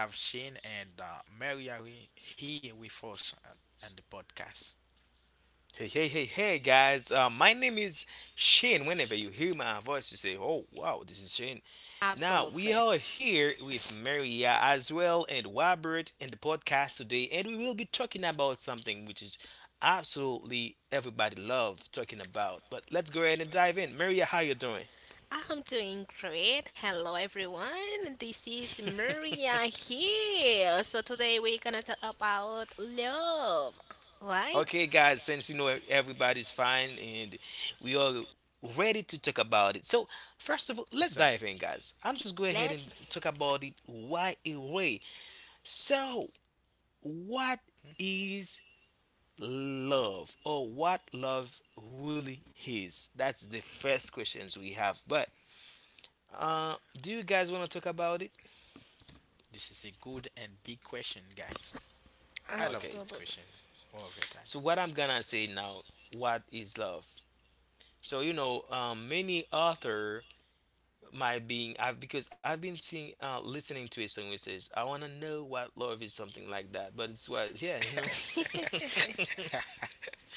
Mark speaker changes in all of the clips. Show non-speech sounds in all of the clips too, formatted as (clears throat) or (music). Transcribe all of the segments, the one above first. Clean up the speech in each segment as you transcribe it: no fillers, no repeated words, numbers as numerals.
Speaker 1: We have Shane and Mary are here with us on the podcast.
Speaker 2: Hey, hey, hey, hey, guys. My name is Shane. Whenever you hear my voice, you say, oh, wow, this is Shane. Now, we are
Speaker 3: Absolutely.
Speaker 2: here with Maria as well and Robert in the podcast today, and we will be talking about something which is absolutely everybody love talking about. But let's go ahead and dive in. Maria, how you doing?
Speaker 3: I'm doing great. Hello, everyone. This is Maria here. So, today we're gonna talk about love,
Speaker 2: Okay,
Speaker 3: right?
Speaker 2: guys, since you know everybody's fine and we are ready to talk about it. So, first of all, let's dive in,
Speaker 1: Exactly.
Speaker 2: guys. I'm just go ahead
Speaker 3: Let
Speaker 2: and talk about it. Why a ray? So, what is love or what love really is? That's the first questions we have. But do you guys want to talk about it?
Speaker 1: This is a good and big question, guys. I love
Speaker 2: Okay.
Speaker 1: this question
Speaker 3: absolutely,
Speaker 1: all of your time.
Speaker 2: So, what I'm gonna say now, what is love? So, you know, many author might being I've been seeing listening to a song which says I wanna know what love is, something like that. But it's what, yeah,
Speaker 1: (laughs)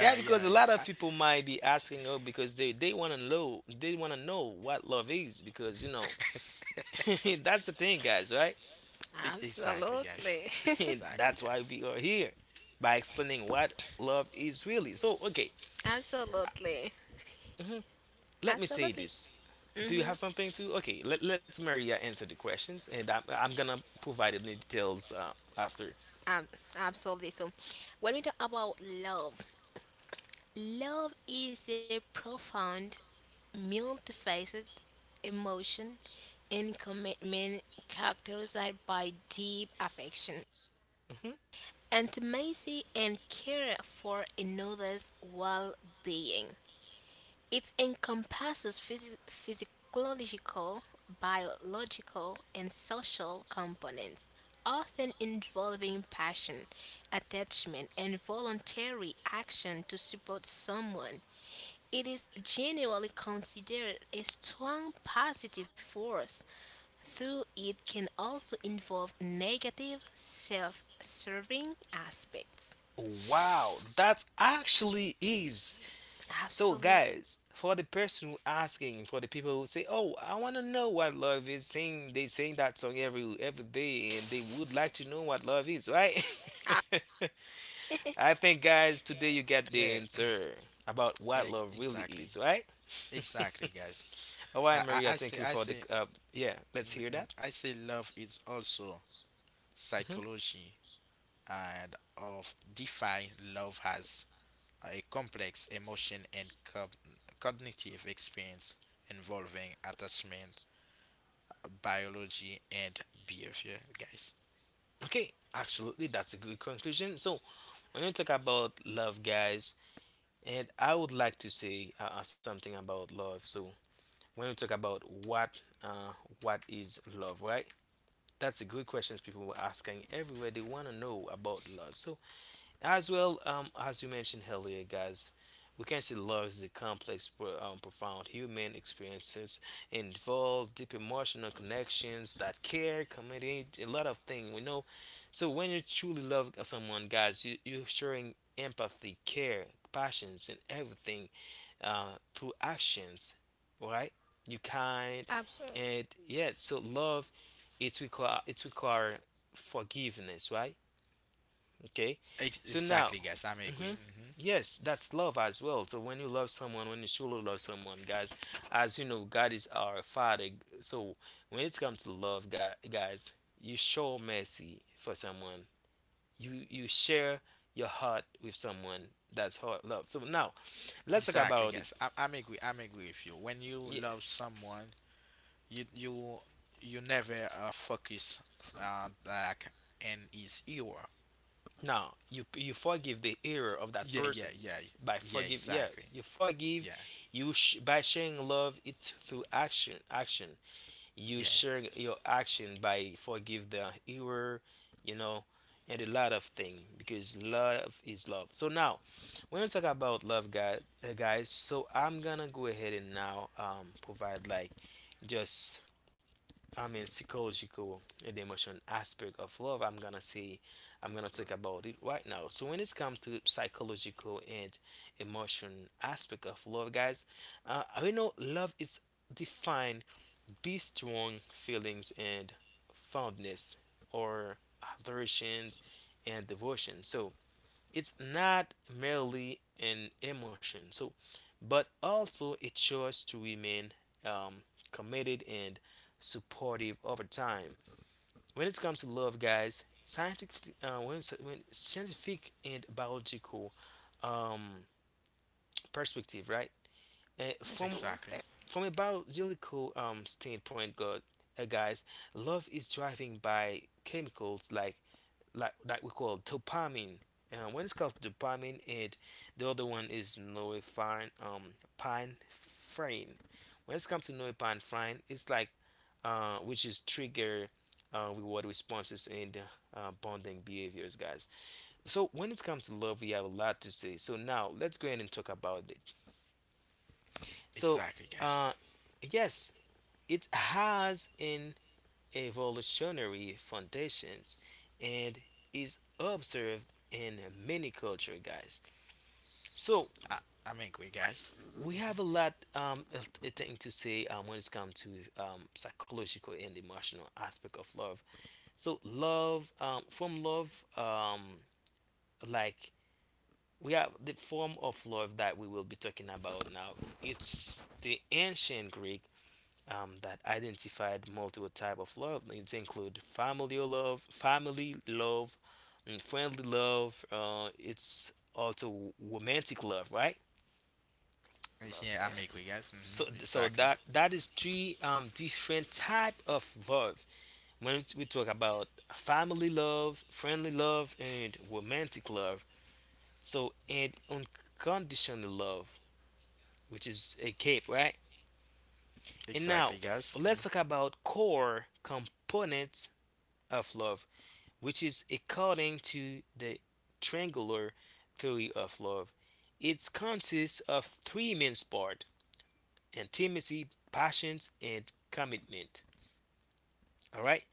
Speaker 2: Yeah, because
Speaker 1: yeah,
Speaker 2: a lot of
Speaker 1: yeah.
Speaker 2: people might be asking, oh, because they want to know, they want to know what love is, because you know (laughs) that's the thing, guys, right?
Speaker 1: (laughs) Exactly, guys.
Speaker 3: absolutely,
Speaker 2: (laughs)
Speaker 1: Exactly,
Speaker 2: That's why
Speaker 1: guys.
Speaker 2: we are here by explaining what love is really. So, okay,
Speaker 3: (laughs) absolutely,
Speaker 2: let me say
Speaker 3: absolutely.
Speaker 2: this. Do you
Speaker 3: Mm-hmm.
Speaker 2: have something to? Okay, let's Maria answer the questions, and I'm gonna provide the details after.
Speaker 3: Um, absolutely. So, when we talk about love, love is a profound, multifaceted emotion and commitment, characterized by deep affection,
Speaker 2: Hmm.
Speaker 3: intimacy, and care for another's well being. It encompasses physiological, biological, and social components, often involving passion, attachment, and voluntary action to support someone. It is generally considered a strong positive force, though it can also involve negative, self serving aspects.
Speaker 2: Wow, that actually is. So,
Speaker 3: Absolutely.
Speaker 2: guys, for the person who asking, for the people who say, "Oh, I want to know what love is," sing, they sing that song every day, and they would like to know what love is, right? (laughs)
Speaker 3: (laughs)
Speaker 2: I think, guys, today you get the
Speaker 1: Yeah,
Speaker 2: answer about what
Speaker 1: yeah,
Speaker 2: love really
Speaker 1: exactly,
Speaker 2: is, right?
Speaker 1: exactly, guys.
Speaker 2: (laughs) All right,
Speaker 1: Yeah, I,
Speaker 2: Maria,
Speaker 1: I
Speaker 2: thank
Speaker 1: say,
Speaker 2: you
Speaker 1: I
Speaker 2: for the
Speaker 1: say,
Speaker 2: yeah. Let's hear
Speaker 1: mhm,
Speaker 2: that.
Speaker 1: I say, love is also
Speaker 2: Hmm.
Speaker 1: psychology and of DeFi, love has a complex emotion and cognitive experience involving attachment, biology, and behavior, guys.
Speaker 2: Okay, absolutely, that's a good conclusion. So when you talk about love, guys, and I would like to say something about love. So when we talk about what uh, what is love, right, that's a good questions, people were asking everywhere, they want to know about love. So as well, as you mentioned earlier, guys, we can see love is a complex, profound human experiences, involve deep emotional connections, that care, commitment, a lot of things. We know. So when you truly love someone, guys, you're showing empathy, care, passions, and everything through actions, right? You kind,
Speaker 3: Absolutely.
Speaker 2: and yeah. So love, it require forgiveness, right? Okay. So now,
Speaker 1: Exactly, guys. I'm agree.
Speaker 2: hmm,
Speaker 1: Hmm.
Speaker 2: yes, that's love as well. So when you love someone, when you truly love someone, guys, as you know, God is our Father. So when it comes to love, guys, you show mercy for someone. You share your heart with someone. That's heart love. So now, let's talk
Speaker 1: Exactly,
Speaker 2: about it.
Speaker 1: guys. I'm agree. I'm agree with you. When you
Speaker 2: Yeah.
Speaker 1: love someone, you you you never focus like and is you.
Speaker 2: Now you forgive the error of that
Speaker 1: Yeah, yeah,
Speaker 2: person
Speaker 1: yeah,
Speaker 2: by
Speaker 1: yeah.
Speaker 2: forgive. Yeah,
Speaker 1: Exactly.
Speaker 2: you forgive.
Speaker 1: Yeah,
Speaker 2: By sharing love, it's through action. Action. You
Speaker 1: yeah.
Speaker 2: share your action by forgive the error, you know, and a lot of thing, because love is love. So now when we talk about love, guys, so I'm gonna go ahead and now provide, like, just, I mean, psychological and emotion aspect of love. I'm gonna say, I'm gonna talk about it right now. So when it's come to psychological and emotion aspect of love, guys, we know love is defined be strong feelings and fondness or adorations and devotion. So it's not merely an emotion. So, but also a choice to remain um, committed and supportive over time. When it comes to love, guys, scientific, when scientific and biological um, perspective, right? Uh, from
Speaker 1: Exactly.
Speaker 3: Absolutely.
Speaker 2: from a biological standpoint, God, guys, love is driven by chemicals like that we call dopamine. When it's called dopamine, and the other one is norepinephrine. Pinephrine. When it's come to norepinephrine, it's like which is trigger reward responses and bonding behaviors, guys. So when it comes to love, we have a lot to say. So now let's go ahead and talk about it. So,
Speaker 1: Exactly, guys.
Speaker 2: uh, yes, it has an evolutionary foundations and is observed in many cultures, guys. So
Speaker 1: I, I'm angry, guys.
Speaker 2: we have a lot a thing to say when it's come to psychological and emotional aspect of love. So love, from love like, we have the form of love that we will be talking about now. It's the ancient Greek that identified multiple type of love. It include family love, and friendly love. It's also romantic love, right?
Speaker 1: Yeah, I'm angry, guys.
Speaker 2: So,
Speaker 1: Hmm.
Speaker 2: so
Speaker 1: Exactly.
Speaker 2: that is three different type of love. When we talk about family love, friendly love, and romantic love. So, and unconditional love, which is a cape, right? And now
Speaker 1: Exactly, guys. Mhm.
Speaker 2: let's talk about core components of love, which is according to the triangular theory of love. It consists of three main parts: intimacy, passions, and commitment. All right.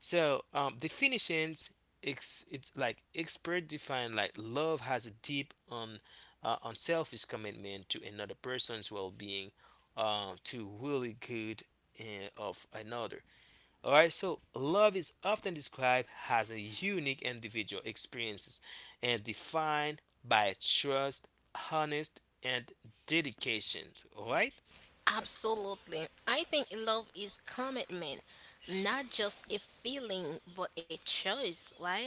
Speaker 2: So, definitions. It's like expert define, like, love has a deep unselfish commitment to another person's well-being, to really good of another. All right, so love is often described as a unique individual experiences and defined by trust, honest, and dedication. All right?
Speaker 3: Absolutely. I think love is commitment, not just a feeling, but a choice, right?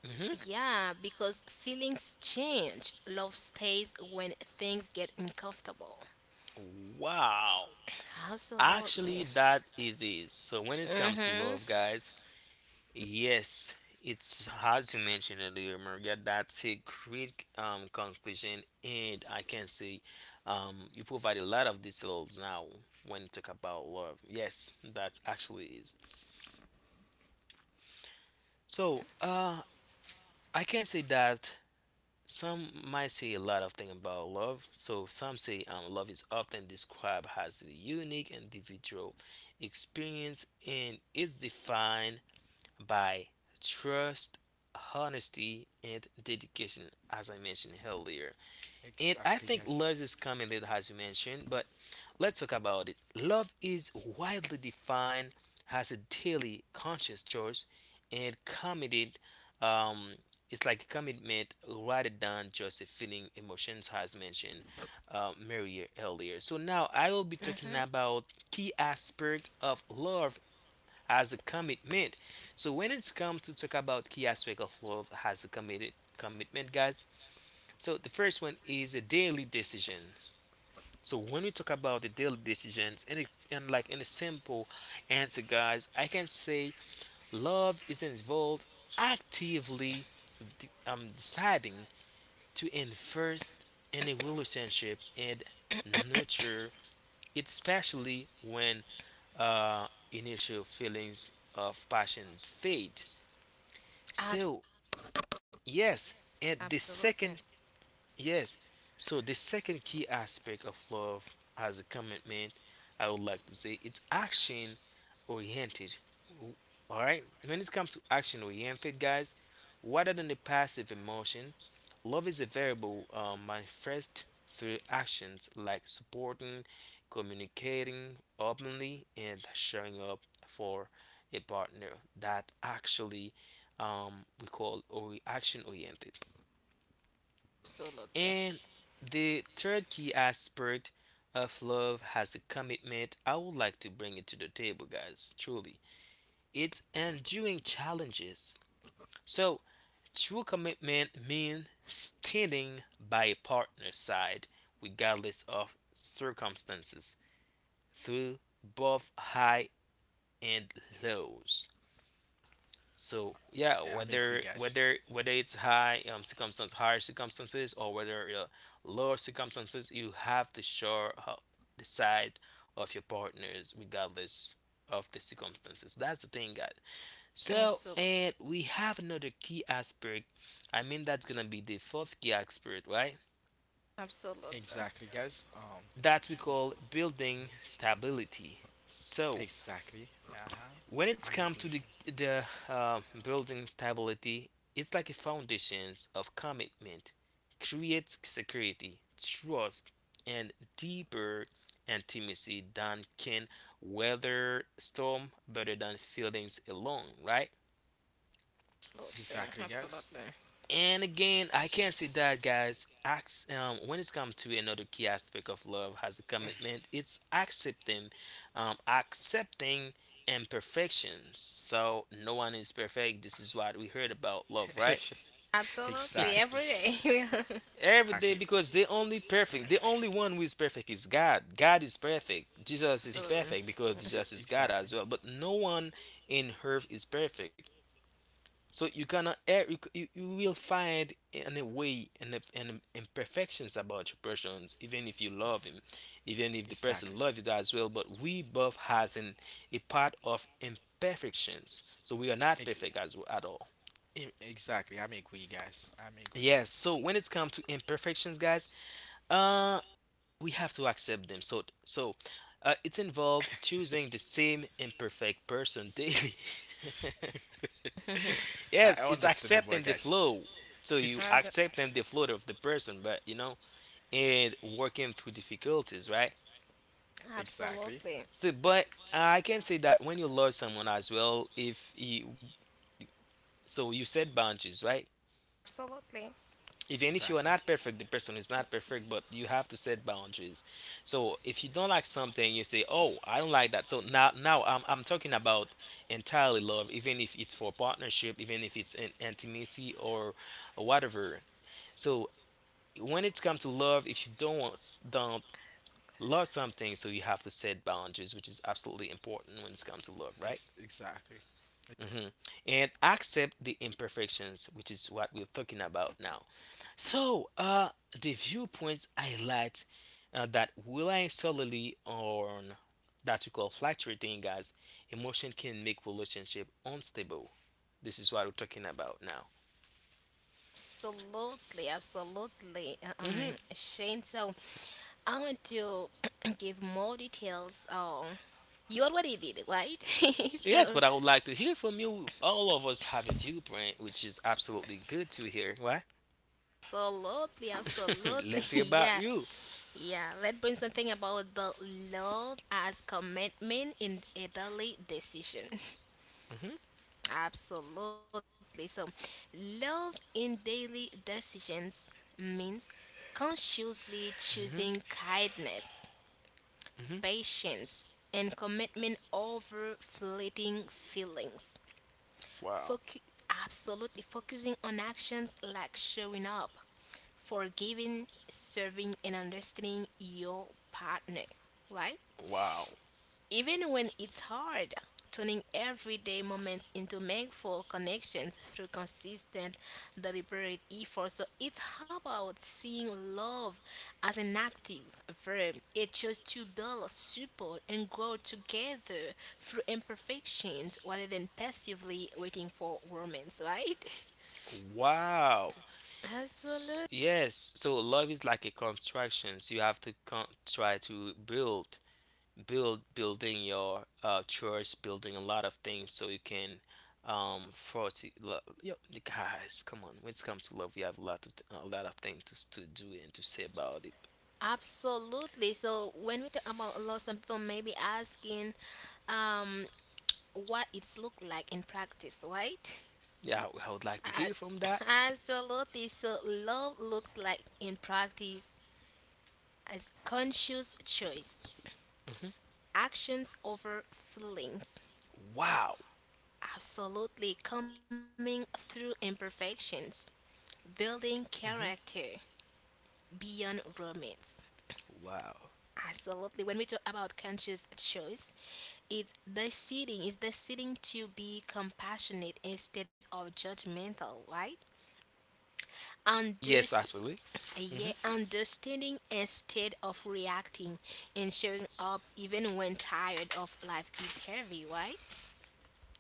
Speaker 2: Mm-hmm.
Speaker 3: Yeah, because feelings change. Love stays when things get uncomfortable.
Speaker 2: Wow. Actually,
Speaker 3: Absolutely.
Speaker 2: that is it. So when it comes to
Speaker 3: Mhm.
Speaker 2: love, guys, yes, it's as you mentioned earlier, Maria. That's a great conclusion, and I can say you provide a lot of details now when you talk about love. Yes, that actually is. So, I can say that some might say a lot of things about love. So, some say, love is often described as a unique individual experience and is defined by trust, honesty, and dedication, as I mentioned earlier. And I
Speaker 1: Exactly,
Speaker 2: think
Speaker 1: guys.
Speaker 2: love is coming there, as you mentioned, but let's talk about it. Love is widely defined as a daily conscious choice and committed. Um, it's like a commitment rather than just a feeling, emotions, as mentioned Mary earlier. So now I will be
Speaker 3: Mhm.
Speaker 2: talking about key aspects of love as a commitment. So when it's come to talk about key aspect of love as a committed commitment, guys, so the first one is a daily decision. So when we talk about the daily decisions, and, it, and, like, in a simple answer, guys, I can say love is involved actively deciding to invest in a relationship and nurture it, especially when initial feelings of passion fade.
Speaker 3: Abs-
Speaker 2: So yes, and the second.
Speaker 3: absolutely.
Speaker 2: Yes. So the second key aspect of love as a commitment, I would like to say, it's action oriented. All right. When it comes to action oriented, guys, rather than the passive emotion, love is a variable manifest through actions like supporting, communicating openly, and showing up for a partner. That actually we call or action oriented.
Speaker 3: Absolutely.
Speaker 2: And the third key aspect of love has a commitment, I would like to bring it to the table, guys. Truly, it's enduring challenges. So, true commitment means standing by a partner's side regardless of circumstances, through both high and lows. So yeah,
Speaker 1: Yeah, I'm angry,
Speaker 2: whether
Speaker 1: guys.
Speaker 2: whether whether it's high circumstance, higher circumstances, or whether lower circumstances, you have to show up the side of your partners regardless of the circumstances. That's the thing, guys. So,
Speaker 3: Absolutely.
Speaker 2: and we have another key aspect. I mean, that's gonna be the fourth key aspect, right?
Speaker 3: Absolutely. Absolutely.
Speaker 1: Exactly, guys. Um,
Speaker 2: That we call building stability. So
Speaker 1: exactly. Uh huh.
Speaker 2: when
Speaker 1: I'm
Speaker 2: it's
Speaker 1: angry
Speaker 2: come to
Speaker 1: with
Speaker 2: the
Speaker 1: you.
Speaker 2: the uh, building stability, it's like a foundations of commitment creates security, trust, and deeper intimacy than can weather storm better than feelings alone, right?
Speaker 1: Exactly, guys.
Speaker 3: Absolutely.
Speaker 2: And again, I can't say that, guys. When it's come to another key aspect of love has a commitment, it's accepting, accepting imperfections. So no one is perfect. This is what we heard about love, right?
Speaker 1: (laughs)
Speaker 3: Absolutely.
Speaker 1: Exactly.
Speaker 3: Every day. (laughs)
Speaker 2: Every
Speaker 1: Exactly.
Speaker 2: day, because the only perfect, the only one who is perfect is God. God is perfect. Jesus is
Speaker 1: Ex-
Speaker 3: Absolutely.
Speaker 2: perfect, because Jesus is God
Speaker 1: exactly.
Speaker 2: as well. But no one in earth is perfect. So you cannot err. You, you, you will find in a way and an imperfections about your persons, even if you love him, even if the
Speaker 1: Exactly.
Speaker 2: person loves you as well. But we both has an a part of imperfections. So we are not
Speaker 1: Ex-
Speaker 2: perfect as at all.
Speaker 1: exactly. I'm agree, guys. I'm agree.
Speaker 2: Yes. So when it comes to imperfections, guys, uh, we have to accept them. It's involved choosing the same imperfect person daily.
Speaker 3: (laughs)
Speaker 2: (laughs)
Speaker 1: (laughs) I
Speaker 2: Yes, it's
Speaker 1: understand it, boy,
Speaker 2: accepting the
Speaker 1: guys.
Speaker 2: flow. So you
Speaker 1: (laughs)
Speaker 2: accept them the flow of the person, but you know, and working through difficulties, right?
Speaker 1: Exactly,
Speaker 3: Absolutely.
Speaker 2: So, but I can say that when you love someone as well, if you, so you set boundaries, right?
Speaker 3: Absolutely.
Speaker 2: Even if you are
Speaker 1: exactly,
Speaker 2: not perfect, the person is not perfect, but you have to set boundaries. So if you don't like something, you say, "Oh, I don't like that." So now I'm talking about entirely love, even if it's for partnership, even if it's in intimacy or whatever. So when it comes to love, if you don't love something, so you have to set boundaries, which is absolutely important when it comes to love, right?
Speaker 1: exactly,
Speaker 2: Hmm. And accept the imperfections, which is what we're talking about now. So, the viewpoints highlight that relying solely on that we call fluctuating, guys, emotion can make relationship unstable. This is what we're talking about now.
Speaker 3: Absolutely, absolutely,
Speaker 2: Hmm.
Speaker 3: Shane. So I want to (clears throat) give more details. You already did, right? (laughs)
Speaker 2: Yes,
Speaker 3: So
Speaker 2: but I would like to hear from you. All of us have a viewpoint, which is absolutely good to hear. Why?
Speaker 3: absolutely,
Speaker 2: (laughs)
Speaker 3: absolutely,
Speaker 2: Let's
Speaker 3: (laughs)
Speaker 2: hear about
Speaker 3: yeah,
Speaker 2: you.
Speaker 3: yeah. Let's bring something about the love as commitment in a daily decision. (laughs)
Speaker 2: Mhm,
Speaker 3: Absolutely. So, love in daily decisions means consciously choosing
Speaker 2: mhm,
Speaker 3: kindness,
Speaker 2: mhm.
Speaker 3: patience, and commitment over fleeting feelings.
Speaker 2: Wow.
Speaker 3: Focu- Absolutely focusing on actions like showing up, forgiving, serving, and understanding your partner, right?
Speaker 2: Wow.
Speaker 3: Even when it's hard, turning everyday moments into meaningful connections through consistent, deliberate effort. So it's about seeing love as an active verb. It's just to build, support, and grow together through imperfections rather than passively waiting for romance, right?
Speaker 2: Wow.
Speaker 3: (laughs) Absolutely.
Speaker 2: Yes. So love is like a construction. So you have to try to building your church, building a lot of things so you can forty love yo the guys come on when it comes to love we have a lot of things to, to do and to say about it.
Speaker 3: Absolutely. So when we talk about love, some people may be asking, um, what it's look like in practice, right?
Speaker 2: Yeah, I would like to hear from that.
Speaker 3: A- (laughs) Absolutely. So love looks like in practice as conscious choice,
Speaker 2: Hmm.
Speaker 3: actions over feelings.
Speaker 2: Wow.
Speaker 3: Absolutely coming through imperfections, building
Speaker 2: Hmm.
Speaker 3: character beyond romance.
Speaker 2: Wow.
Speaker 3: Absolutely. When we talk about conscious choice, it's deciding to be compassionate instead of judgmental, right?
Speaker 2: Yes,
Speaker 3: Underst-
Speaker 2: absolutely.
Speaker 3: yeah, understanding instead of reacting and showing up even when tired of life is heavy, right?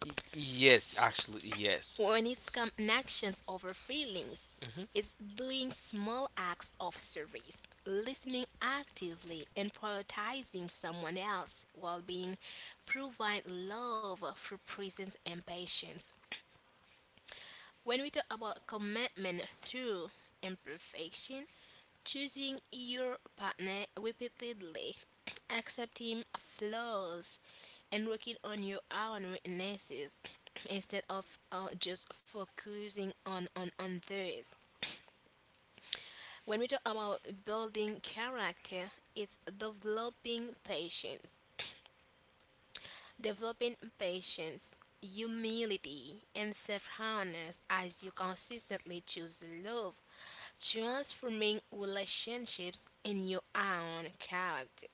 Speaker 2: Yes, actually, yes.
Speaker 3: When it's come actions over feelings,
Speaker 2: Hmm.
Speaker 3: it's doing small acts of service, listening actively and prioritizing someone else while being provide love through presence and patience. When we talk about commitment through imperfection, choosing your partner repeatedly, accepting flaws, and working on your own weaknesses (clears throat) instead of just focusing on theirs. When we talk about building character, it's developing patience, developing patience, humility, and self awareness as you consistently choose love, transforming relationships in your own character.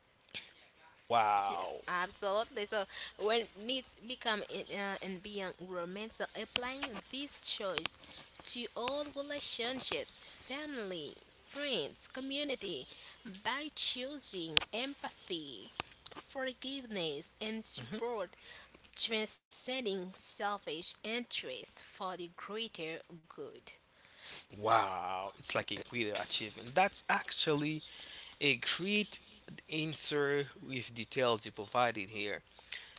Speaker 2: Wow.
Speaker 3: Absolutely. So when needs become in, and beyond romance, so applying this choice to all relationships, family, friends, community, by choosing empathy, forgiveness, and
Speaker 2: Hmm.
Speaker 3: support, transcending selfish interests for the greater good.
Speaker 2: Wow. It's like a great achievement. That's actually a great answer with details you provided here.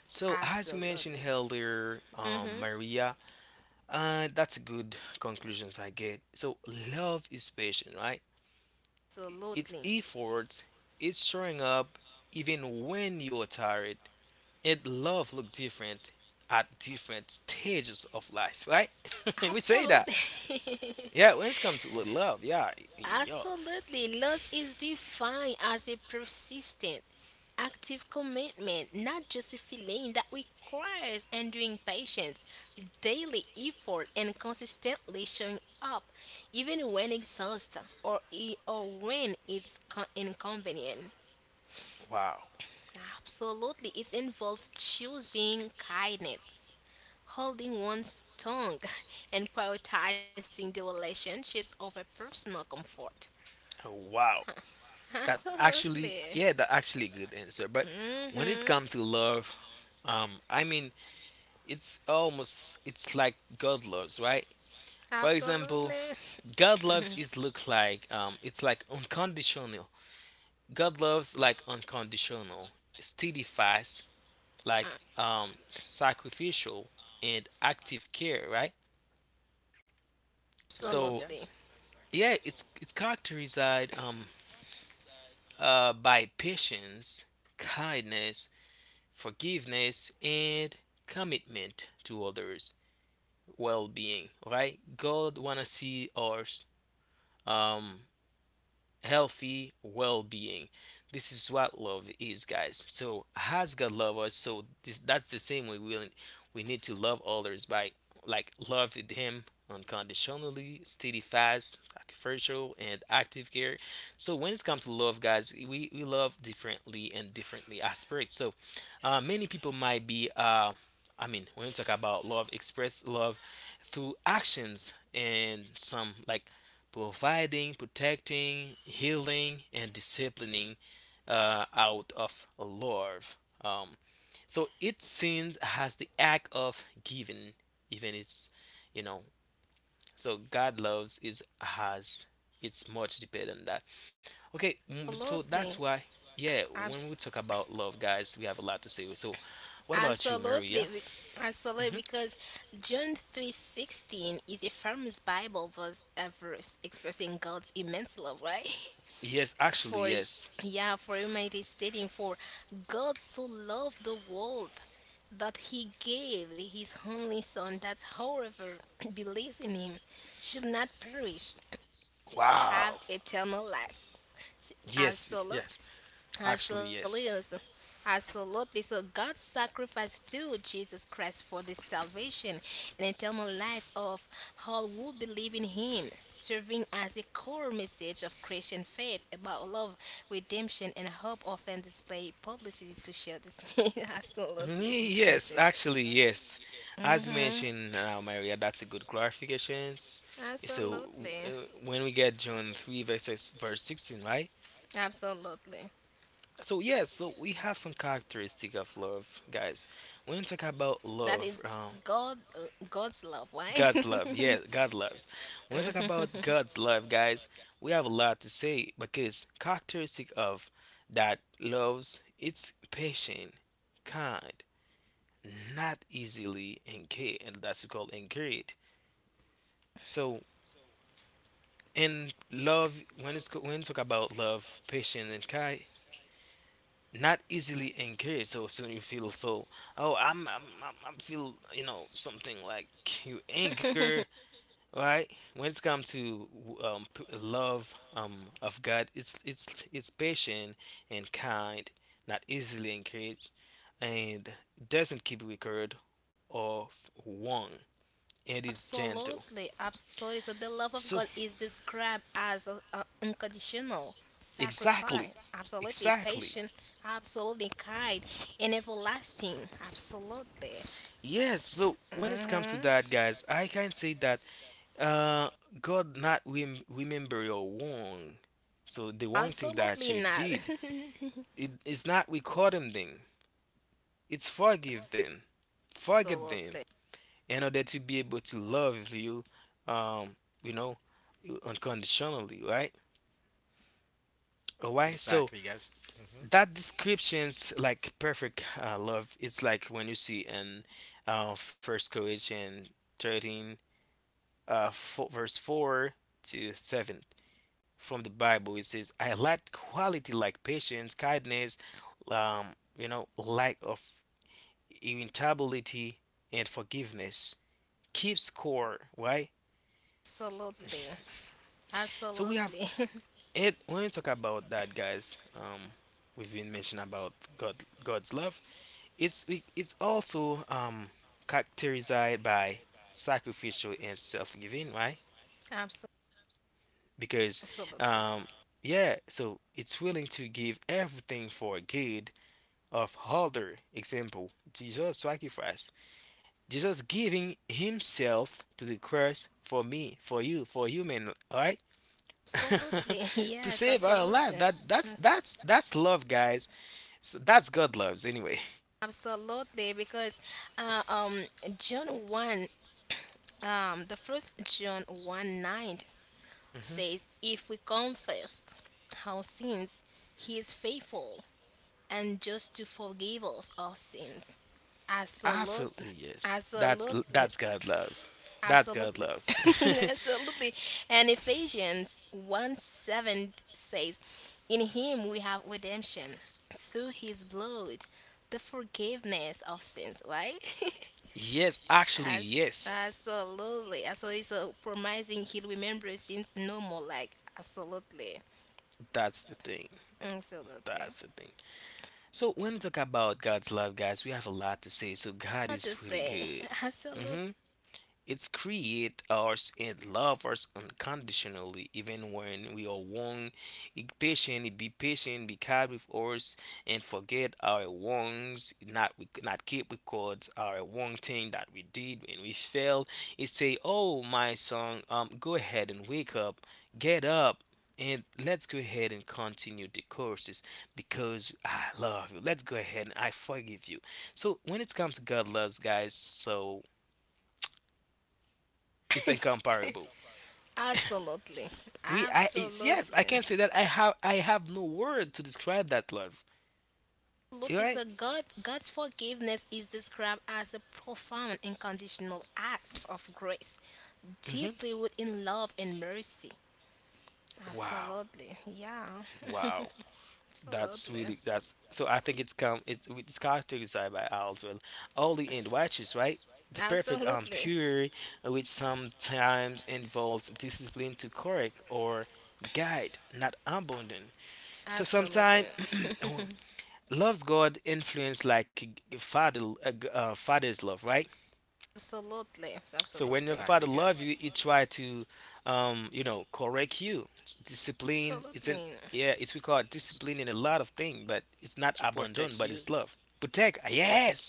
Speaker 2: So, as you mentioned
Speaker 3: Absolutely.
Speaker 2: earlier,
Speaker 3: Hmm.
Speaker 2: Maria, that's good conclusions I get. So, love is patient, right? It's
Speaker 3: Absolutely.
Speaker 2: effort, it's showing up even when you're tired, and love look different at different stages of life, right? (laughs) We say that.
Speaker 3: Absolutely. (laughs)
Speaker 2: Yeah, when it comes to love, yeah, yo,
Speaker 3: Absolutely. Loss is defined as a persistent, active commitment, not just a feeling that requires enduring patience, daily effort, and consistently showing up, even when exhausted or, or when it's inconvenient.
Speaker 2: wow,
Speaker 3: Absolutely. It involves choosing kindness, holding one's tongue, (laughs) and prioritizing the relationships over personal comfort.
Speaker 2: wow. That actually,
Speaker 3: Absolutely.
Speaker 2: yeah, that actually a good answer. But when it
Speaker 3: Mhm.
Speaker 2: comes to love, I mean, it's almost it's like God loves, right? For example,
Speaker 3: Absolutely. (laughs)
Speaker 2: God loves is look like it's like unconditional. God loves like unconditional, steady like sacrificial and active care, right?
Speaker 3: Absolutely.
Speaker 1: exactly,
Speaker 2: So
Speaker 1: guys.
Speaker 2: yeah, it's characterized, um by patience, kindness, forgiveness, and commitment to others well-being, right? God wanna see us, um healthy well-being. This is what love is, guys. So as God love us, so this that's the same way we need to love others by like love with Him unconditionally, steady, fast, sacrificial, and active care. So when it's come to love, guys, we love differently and differently aspects. So many people might be I mean, when we talk about love, express love through actions and some like providing, protecting, healing, and disciplining out of love. Um, so it sins has the act of giving, even it's you know. So God loves is has it's much deeper than that. Okay, mm, so that's
Speaker 3: Absolutely.
Speaker 2: why yeah. When we
Speaker 3: Abs-
Speaker 2: talk about love, guys, we have a lot to say. So, what about you, Maria?
Speaker 3: Absolutely. Absolutely,
Speaker 2: Hmm.
Speaker 3: because John 3:16 is a famous Bible verse, a verse expressing God's immense love, right?
Speaker 2: Yes,
Speaker 3: (laughs)
Speaker 2: actually,
Speaker 3: For,
Speaker 2: yes.
Speaker 3: yeah, for humanity stating, for God so loved the world that he gave his only son, that whoever (clears throat) believes in him should not perish, have
Speaker 2: Wow.
Speaker 3: eternal life. S-
Speaker 2: Yes,
Speaker 3: Absolute,
Speaker 2: yes. Actually,
Speaker 3: absolutely,
Speaker 2: yes.
Speaker 3: absolutely. So God sacrificed through Jesus Christ for the salvation and eternal life of all who believe in Him, serving as a core message of Christian faith about love, redemption, and hope. Often display publicity to share this (laughs) absolutely this
Speaker 2: Yes,
Speaker 3: message.
Speaker 2: actually, yes. As you
Speaker 3: Mm-hmm.
Speaker 2: mentioned, Maria, that's a good clarification. So,
Speaker 3: Absolutely,
Speaker 2: when we get John 3, verse 16, right?
Speaker 3: absolutely.
Speaker 2: So, yes, so we have some characteristic of love, guys. When you talk about love,
Speaker 3: That is God, God's love. Why?
Speaker 2: God's love,
Speaker 3: (laughs)
Speaker 2: yeah, God loves. When you talk about God's love, guys, we have a lot to say because characteristic of that loves, it's patient, kind, not easily engage, and that's called engaged. So in love when it's when you talk about love patience and kind, not easily engaged, so soon you feel so, oh, I'm feel you know something like you anger, right? When it's come to love, of God, it's patient and kind, not easily engaged, and doesn't keep record of wrong, and is gentle.
Speaker 3: Absolutely, absolutely. So the love of
Speaker 2: So
Speaker 3: God is described as a unconditional sacrifice.
Speaker 2: exactly,
Speaker 3: Absolutely,
Speaker 2: exactly.
Speaker 3: patient. Absolutely, kind, and everlasting. Absolutely.
Speaker 2: Yes. So when it's come to
Speaker 3: Hmm.
Speaker 2: that, guys, I can say that uh, God not remember your wrong. So the one thing that
Speaker 3: Absolutely
Speaker 2: you
Speaker 3: not.
Speaker 2: did,
Speaker 3: (laughs)
Speaker 2: it is not recording them. It's forgive them,
Speaker 3: Absolutely,
Speaker 2: in order to be able to love you, um, you know, unconditionally, right? Alright. So
Speaker 1: Exactly, guys. Hmm.
Speaker 2: that description's like perfect love. It's like when you see in First Corinthians 13, fo verse 4 to 7 from the Bible. It says, I lack quality like patience, kindness, um, you know, lack of irritability and forgiveness. Keep score, right?
Speaker 3: absolutely,
Speaker 2: So we have
Speaker 3: absolutely, (laughs)
Speaker 2: it when we talk about that, guys. We've been mentioning about God, God's love. It's also characterized by sacrificial and self-giving, right?
Speaker 3: Abso-
Speaker 2: Because
Speaker 3: absolutely,
Speaker 2: um, yeah, so it's willing to give everything for good of other. Example, Jesus sacrifice. Jesus giving himself to the cross for me, for you, for human, all right? (laughs)
Speaker 3: absolutely. (laughs)
Speaker 2: To
Speaker 3: Yes,
Speaker 2: save our life.
Speaker 3: absolutely.
Speaker 2: That's love, guys. So that's God loves anyway.
Speaker 3: Absolutely, because uh, um, John 1 the first John 1:9
Speaker 2: Mm-hmm.
Speaker 3: says, if we confess our sins, he is faithful and just to forgive us our sins. Absolutely.
Speaker 2: Absolutely, yes.
Speaker 3: Absolutely,
Speaker 2: That's God loves. That's God
Speaker 3: absolutely, (laughs)
Speaker 2: loves.
Speaker 3: absolutely. And Ephesians 1:7 says, in him we have redemption through his blood, the forgiveness of sins, right? (laughs)
Speaker 2: (laughs) Yes, actually,
Speaker 3: As
Speaker 2: yes.
Speaker 3: absolutely, absolutely. So promising he remembers seems normal. Like absolutely,
Speaker 2: That's the thing.
Speaker 3: absolutely.
Speaker 2: That's the thing. So when we talk about God's love, guys, we have a lot to say. So God
Speaker 3: What
Speaker 2: is
Speaker 3: to
Speaker 2: really
Speaker 3: say?
Speaker 2: good.
Speaker 3: (laughs) Absolutely,
Speaker 2: Mm-hmm. It's create us and love us unconditionally, even when we are wrong. It patient, be kind with us, and forget our wrongs. Not we not keep records our wrong thing that we did when we failed. It say, "Oh my son, go ahead and wake up, get up." And let's go ahead and continue the courses because I love you. Let's go ahead and I forgive you. So when it comes to God loves, guys, so
Speaker 3: (laughs)
Speaker 2: it's incomparable.
Speaker 3: absolutely, absolutely,
Speaker 2: Yes, I can say that I have no word to describe that love.
Speaker 3: absolutely. So
Speaker 2: Right?
Speaker 3: God, God's forgiveness is described as a profound unconditional act of grace,
Speaker 2: Hmm.
Speaker 3: deeply within love and mercy.
Speaker 2: Wow,
Speaker 3: Absolutely, yeah,
Speaker 2: wow. That's
Speaker 3: absolutely,
Speaker 2: really that's so. I think it's come it's characterized by Aldwell, holy and righteous, right? The perfect
Speaker 3: absolutely,
Speaker 2: pure, which sometimes involves discipline to correct or guide, not abandon. So sometimes
Speaker 3: absolutely. (laughs)
Speaker 2: (clears throat) loves God influence like a father, father's love, right?
Speaker 3: Absolutely,
Speaker 2: So when your
Speaker 3: absolutely,
Speaker 1: Exactly,
Speaker 2: father
Speaker 1: guys.
Speaker 2: love you, he try to, you know, correct you. Discipline. It's in
Speaker 3: absolutely,
Speaker 2: yeah. It's we call it discipline in a lot of things, but it's
Speaker 1: To
Speaker 2: not
Speaker 1: protect
Speaker 2: abandon,
Speaker 1: you,
Speaker 2: but it's love. Protect.
Speaker 1: to
Speaker 2: Ah,
Speaker 1: protect you,
Speaker 2: yes.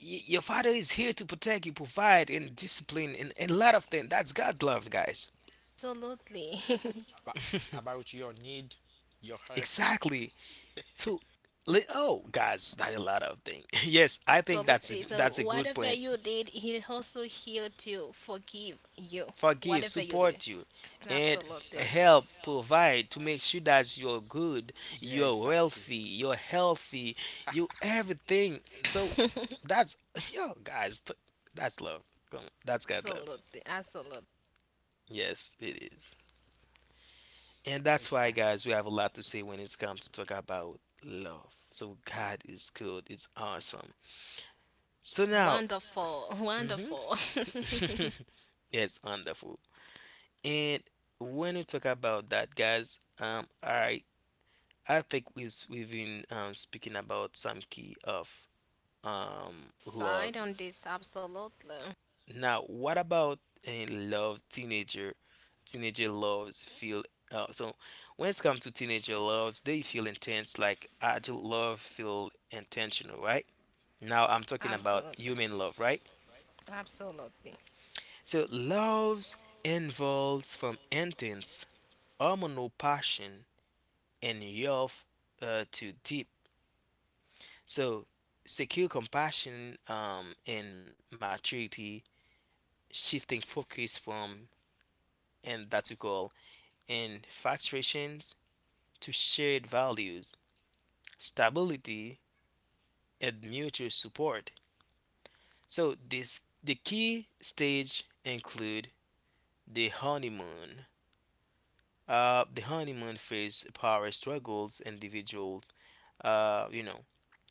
Speaker 2: Your father is here to protect you, provide, and discipline, and a lot of things. That's God's love, guys.
Speaker 3: absolutely, (laughs)
Speaker 1: but about your need, your health.
Speaker 2: Exactly. So, oh, guys, not a lot of things. (laughs) Yes, I think that's a,
Speaker 3: absolutely. So,
Speaker 2: that's a good
Speaker 3: whatever
Speaker 2: point.
Speaker 3: you did, He also here to forgive you.
Speaker 2: Forgive,
Speaker 3: Whatever you do,
Speaker 2: support you, and
Speaker 3: absolutely,
Speaker 1: Exactly.
Speaker 2: help provide to make sure that you're good,
Speaker 1: Yeah,
Speaker 2: you're
Speaker 1: exactly,
Speaker 2: wealthy, you're healthy, you everything. So that's (laughs) yo guys, that's love. Come on, that's
Speaker 3: (laughs)
Speaker 2: God love.
Speaker 3: absolutely, absolutely.
Speaker 2: Yes, it is. And that's why
Speaker 1: exactly,
Speaker 2: guys, we have a lot to say when it's come to talk about love. So God is good, it's awesome. So now,
Speaker 3: Wonderful,
Speaker 2: hmm.
Speaker 3: wonderful. (laughs)
Speaker 2: (laughs) It's wonderful. And when we talk about that, guys, I think we've been speaking about some key of
Speaker 3: Side
Speaker 2: love.
Speaker 3: on this, absolutely,
Speaker 2: Now, what about in love teenager? Teenager loves feel so when it's come to teenager loves, they feel intense like adult love feel intentional, right? Now I'm talking about
Speaker 3: absolutely,
Speaker 2: human love, right?
Speaker 3: absolutely,
Speaker 2: So loves involves from intense hormonal passion and youth to deep. So, secure compassion and maturity, shifting focus from and that we call infatuations to shared values, stability, and mutual support. So, this the key stage include the honeymoon. The honeymoon phase, power struggles, individuals. You know,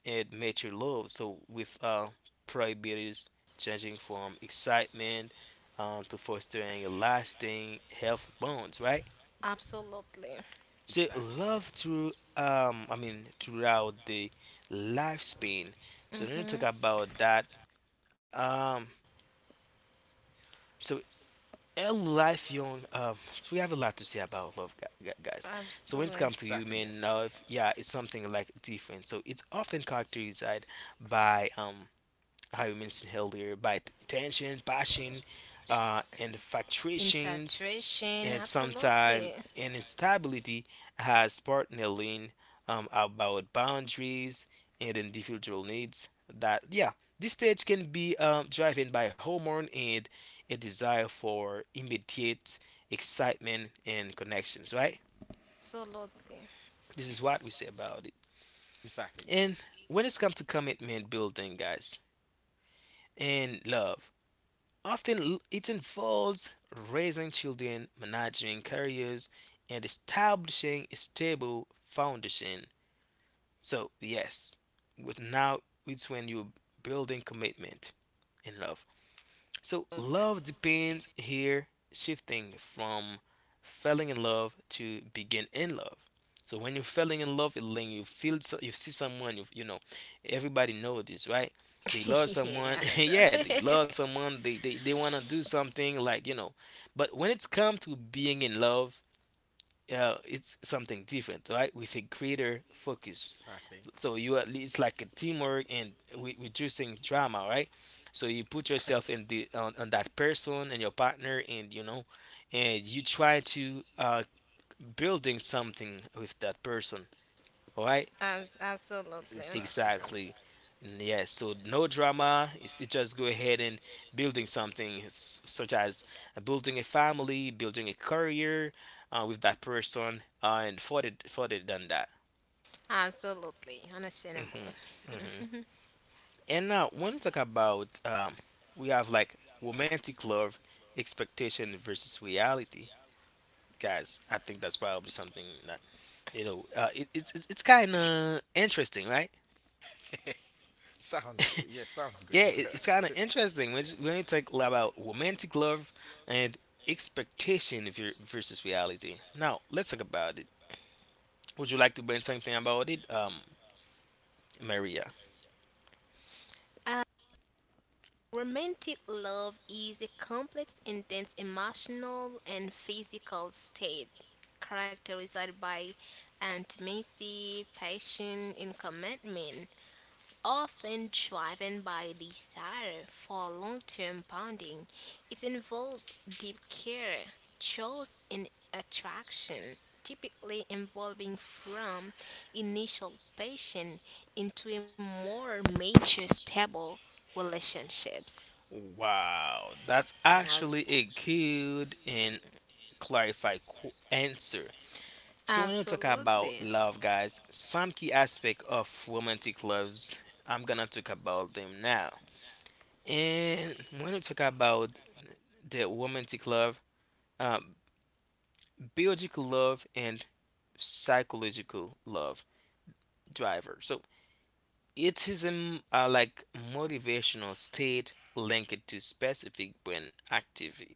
Speaker 2: and mature love. So with priorities changing from excitement to fostering a lasting health bonds, right?
Speaker 3: absolutely.
Speaker 2: So
Speaker 1: exactly,
Speaker 2: love
Speaker 1: guys.
Speaker 2: through I mean throughout the lifespan. So let me talk
Speaker 3: Mm-hmm.
Speaker 2: about that. Um so a life young so we have a lot to say about love guys. So when it's come
Speaker 3: Absolutely.
Speaker 2: to
Speaker 1: Exactly,
Speaker 2: human
Speaker 1: guys.
Speaker 2: love, yeah, it's something like different. So it's often characterized by how you mentioned earlier, by tension, passion, and fluctuations,
Speaker 3: Infatuation,
Speaker 2: and
Speaker 3: absolutely,
Speaker 2: sometimes instability has partnering about boundaries and individual needs. That yeah, this stage can be driven by hormone and a desire for immediate excitement and connections. Right,
Speaker 3: absolutely.
Speaker 2: this is what we say about it.
Speaker 1: Exactly,
Speaker 2: And
Speaker 1: guys.
Speaker 2: when it's come to commitment building, guys, and love, often it involves raising children, managing careers, and establishing a stable foundation. So, yes, but now it's when you're building commitment and love. So love depends here shifting from falling in love to begin in love. So when you're falling in love, when you feel so, you see someone, everybody know this, right? They
Speaker 3: (laughs)
Speaker 2: love someone, (laughs)
Speaker 3: Yes.
Speaker 2: yeah, they
Speaker 3: (laughs)
Speaker 2: love someone. They wanna do something like but when it's come to being in love, it's something different, right? With a greater
Speaker 1: (laughs)
Speaker 2: focus
Speaker 1: Exactly,
Speaker 2: so you at least like a teamwork and reducing drama, right? So you put yourself in the on that person and your partner, and and you try to building something with that person. All right,
Speaker 3: Absolutely.
Speaker 1: exactly, guys.
Speaker 2: exactly. And yes, so no drama. It just go ahead and building something such as building a family, building a career with that person, and further than that.
Speaker 3: Absolutely.
Speaker 2: hmm
Speaker 3: Understandable.
Speaker 2: hmm And now, when we talk about, we have like romantic love, expectation versus reality, guys. I think that's probably something that it's kind of interesting, right?
Speaker 1: (laughs) Sounds yeah, sounds good,
Speaker 2: Yeah, it's
Speaker 1: guys.
Speaker 2: kind of interesting when you talk about romantic love and expectation versus reality. Now, let's talk about it. Would you like to bring something about it, Maria?
Speaker 3: Uh, Romantic love is a complex, intense emotional and physical state, characterized by intimacy, passion, and commitment. Often driven by desire for long term bonding, it involves deep care, trust, and attraction, typically evolving from initial passion into a more mature, stable relationships.
Speaker 2: Wow, that's actually a good and clarified answer. So when we talk about
Speaker 3: Absolutely.
Speaker 2: love, guys, some key aspect of romantic loves, I'm gonna talk about them now. And when we talk about the romantic love, um, biological love and psychological love driver. So it is a like motivational state linked to specific brain activity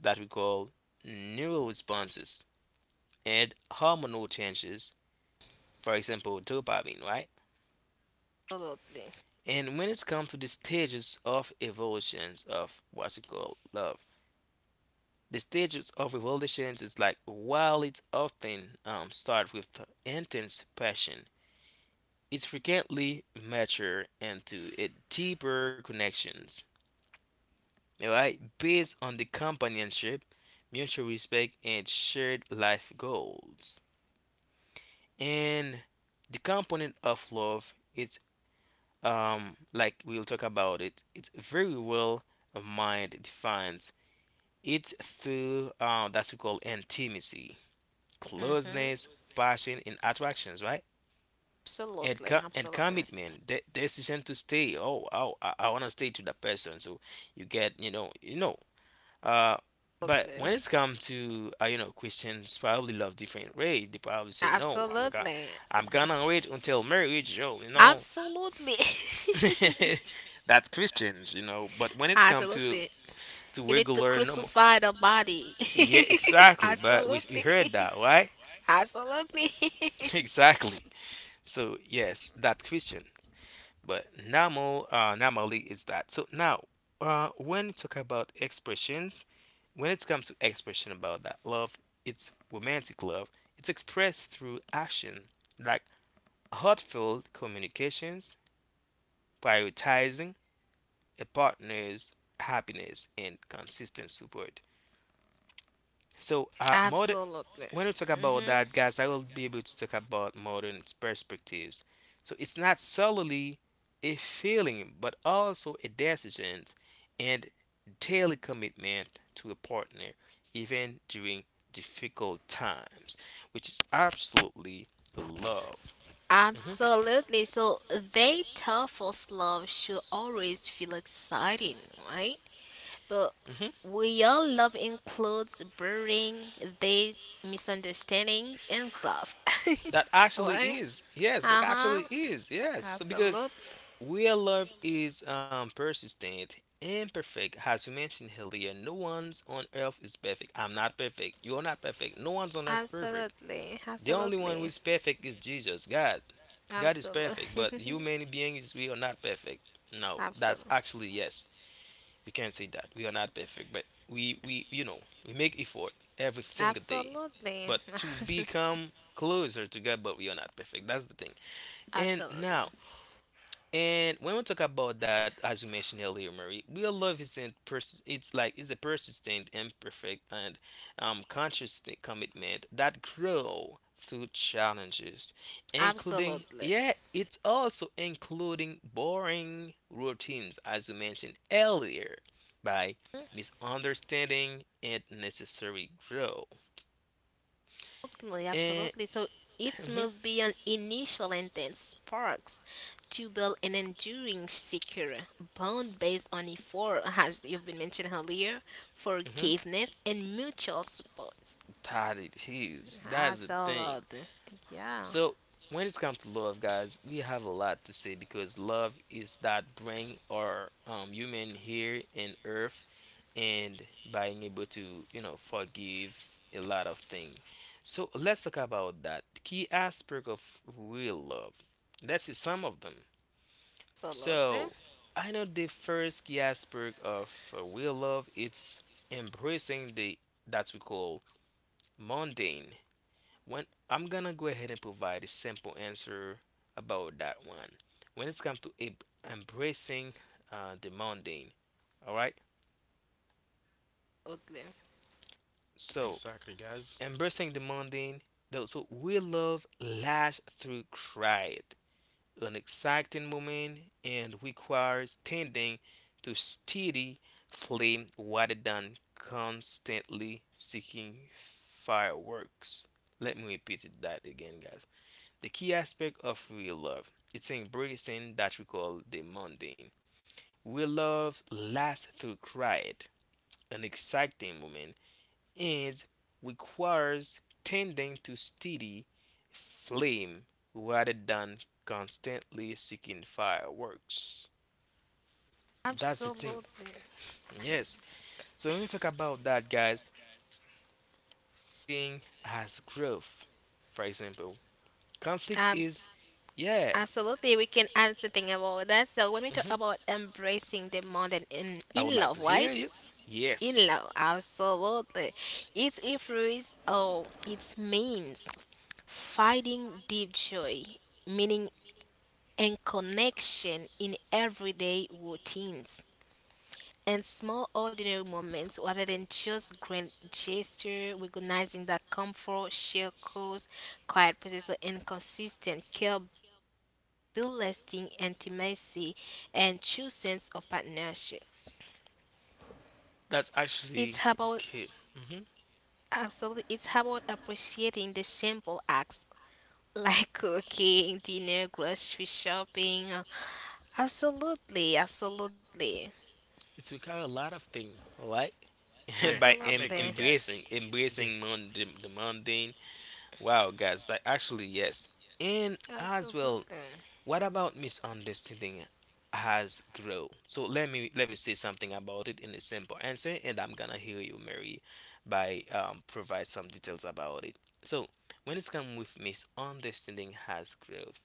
Speaker 2: that we call neural responses and hormonal changes. For example, dopamine, right?
Speaker 3: Absolutely.
Speaker 2: And when it's come to the stages of evolutions of what you call love, the stages of evolutions is like while it often starts with intense passion, it frequently mature into a deeper connections, right? Based on the companionship, mutual respect, and shared life goals. And the component of love, it's like we'll talk about it, it's very well mind defines. It's through that's we call intimacy, closeness,
Speaker 3: Hmm.
Speaker 2: passion, and attractions, right? And
Speaker 3: Absolutely.
Speaker 2: and
Speaker 3: Absolutely.
Speaker 2: commitment, the decision to stay. Oh, oh, I want to stay to that person. So you get, you know, you know. Uh, but
Speaker 3: Absolutely.
Speaker 2: when it's come to you know, Christians probably love different way. They probably say, no,
Speaker 3: Absolutely.
Speaker 2: I'm gonna wait until marriage. Oh, you know,
Speaker 3: Absolutely.
Speaker 2: (laughs)
Speaker 3: (laughs)
Speaker 2: that's Christians, you know. But when it's come to
Speaker 3: Absolutely. You need to
Speaker 2: regular normal,
Speaker 3: crucify the body.
Speaker 2: yeah,
Speaker 3: (laughs)
Speaker 2: exactly. But we heard
Speaker 3: Absolutely.
Speaker 2: that, right?
Speaker 3: (laughs) Absolutely.
Speaker 2: (laughs)
Speaker 3: (laughs)
Speaker 2: Exactly. So yes, that Christian. But normal, normally is that. So now, when you talk about expressions, when it comes to expression about that love, it's romantic love. It's expressed through action, like heartfelt communications, prioritizing a partner's happiness and consistent support. So, modern
Speaker 3: Absolutely.
Speaker 2: when we talk about
Speaker 3: Hmm.
Speaker 2: that, guys, I will be able to talk about modern perspectives. So it's not solely a feeling, but also a decision and daily commitment to a partner, even during difficult times, which is absolutely love. hmm
Speaker 3: Absolutely. So they tell us love should always feel exciting, right? But
Speaker 2: hmm
Speaker 3: real love includes burying these misunderstandings and love.
Speaker 2: That
Speaker 3: (laughs)
Speaker 2: actually
Speaker 3: What?
Speaker 2: is. Yes, that
Speaker 3: Uh
Speaker 2: actually
Speaker 3: huh.
Speaker 2: is. Yes. So because
Speaker 3: Absolutely.
Speaker 2: real love is persistent, and perfect. As you mentioned earlier, no one's on earth is perfect. I'm not perfect. You're not perfect. No one's on earth perfect.
Speaker 3: Absolutely,
Speaker 2: The only one who is
Speaker 3: absolutely,
Speaker 2: perfect is Jesus, God. God is perfect, but
Speaker 3: absolutely,
Speaker 2: human
Speaker 3: (laughs)
Speaker 2: beings, we are not perfect. No, that's
Speaker 3: absolutely,
Speaker 2: actually yes. We can say that. We are not perfect, but we you know, we make effort every single day. But
Speaker 3: absolutely,
Speaker 2: to
Speaker 3: (laughs)
Speaker 2: become closer to God, but we are not perfect. That's the thing. And now,
Speaker 3: absolutely,
Speaker 2: and when we talk about that, as you mentioned earlier, Marie, real love isn't pers- it's like it's a persistent, imperfect, and conscious commitment that grow through challenges, including
Speaker 3: absolutely,
Speaker 2: yeah, it's also including boring routines, as you mentioned earlier, by misunderstanding and necessary grow.
Speaker 3: absolutely,
Speaker 2: And
Speaker 3: absolutely. So it's
Speaker 2: mhm,
Speaker 3: moved beyond initial intense sparks to build an enduring, secure bond based on effort, as you've been mentioned earlier,
Speaker 2: mhm,
Speaker 3: forgiveness and mutual support.
Speaker 2: that it is. That's the thing.
Speaker 3: Absolutely, yeah,
Speaker 2: So when it comes to love, guys, we have a lot to say because love is that bring our human here in earth and being able to you know forgive a lot of things. So let's talk about that key aspect of real love. Let's see some of them.
Speaker 3: absolutely,
Speaker 2: So I know the first key aspect of real love it's embracing the that we call mundane when I'm gonna go ahead and provide a simple answer about that one. When it's come to embracing the mundane, all right.
Speaker 3: absolutely,
Speaker 1: (laughs)
Speaker 2: So
Speaker 1: Exactly, guys.
Speaker 2: embracing the mundane, though, so we love lasts through cried, an exciting moment, and requires tending to steady flame rather than constantly seeking fireworks. Let me repeat it that again, guys. The key aspect of real love, it's embracing that we call the mundane. Real love lasts through quiet, an exciting moment, and requires tending to steady flame rather than constantly seeking fireworks. That's the thing.
Speaker 3: absolutely.
Speaker 2: Yes. So when we talk about that, guys, misunderstanding as growth. For example, conflict
Speaker 3: Abs-
Speaker 2: is, yeah.
Speaker 3: Absolutely, we can add something about that. So when we talk
Speaker 2: Hmm.
Speaker 3: about embracing the modern in
Speaker 2: I would
Speaker 3: in
Speaker 2: like
Speaker 3: love,
Speaker 2: to hear
Speaker 3: right?
Speaker 2: you.
Speaker 3: In
Speaker 2: Yes,
Speaker 3: love, absolutely. Its influence, oh, it means finding deep joy, meaning, and connection in everyday routines and small ordinary moments rather than just grand gesture, recognizing that comfort shared cause quiet process and consistent care build lasting intimacy and true sense of partnership.
Speaker 2: that's
Speaker 3: It's about
Speaker 2: actually okay. Hmm.
Speaker 3: absolutely, it's about appreciating the simple acts (laughs) like cooking dinner, grocery shopping, absolutely, absolutely,
Speaker 2: It's require a lot of things, right?
Speaker 1: Yeah,
Speaker 2: (laughs) By
Speaker 1: I'm
Speaker 3: absolutely,
Speaker 1: agree, guys. Yeah,
Speaker 2: embracing the mundane. Wow, guys, like actually yes, and as well
Speaker 3: absolutely.
Speaker 2: what about misunderstanding has grown? So let me say something about it in a simple answer, and I'm gonna hear you, Mary, by provide some details about it. So when it's come with misunderstanding has growth,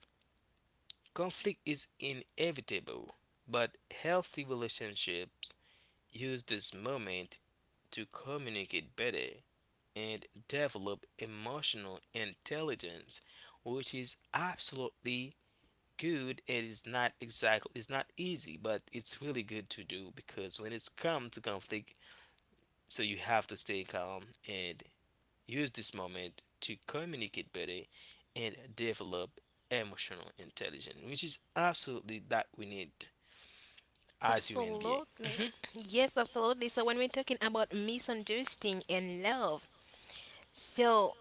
Speaker 2: conflict is inevitable, but healthy relationships use this moment to communicate better and develop emotional intelligence, which is absolutely good. It is not exactly it's not easy but it's really good to do because when it's come to conflict so you have to stay calm and use this moment to communicate better and develop emotional intelligence which is absolutely that we need as human being.
Speaker 3: Absolutely.
Speaker 2: Mhm,
Speaker 3: Yes, absolutely. So when we're talking about misunderstanding and love, so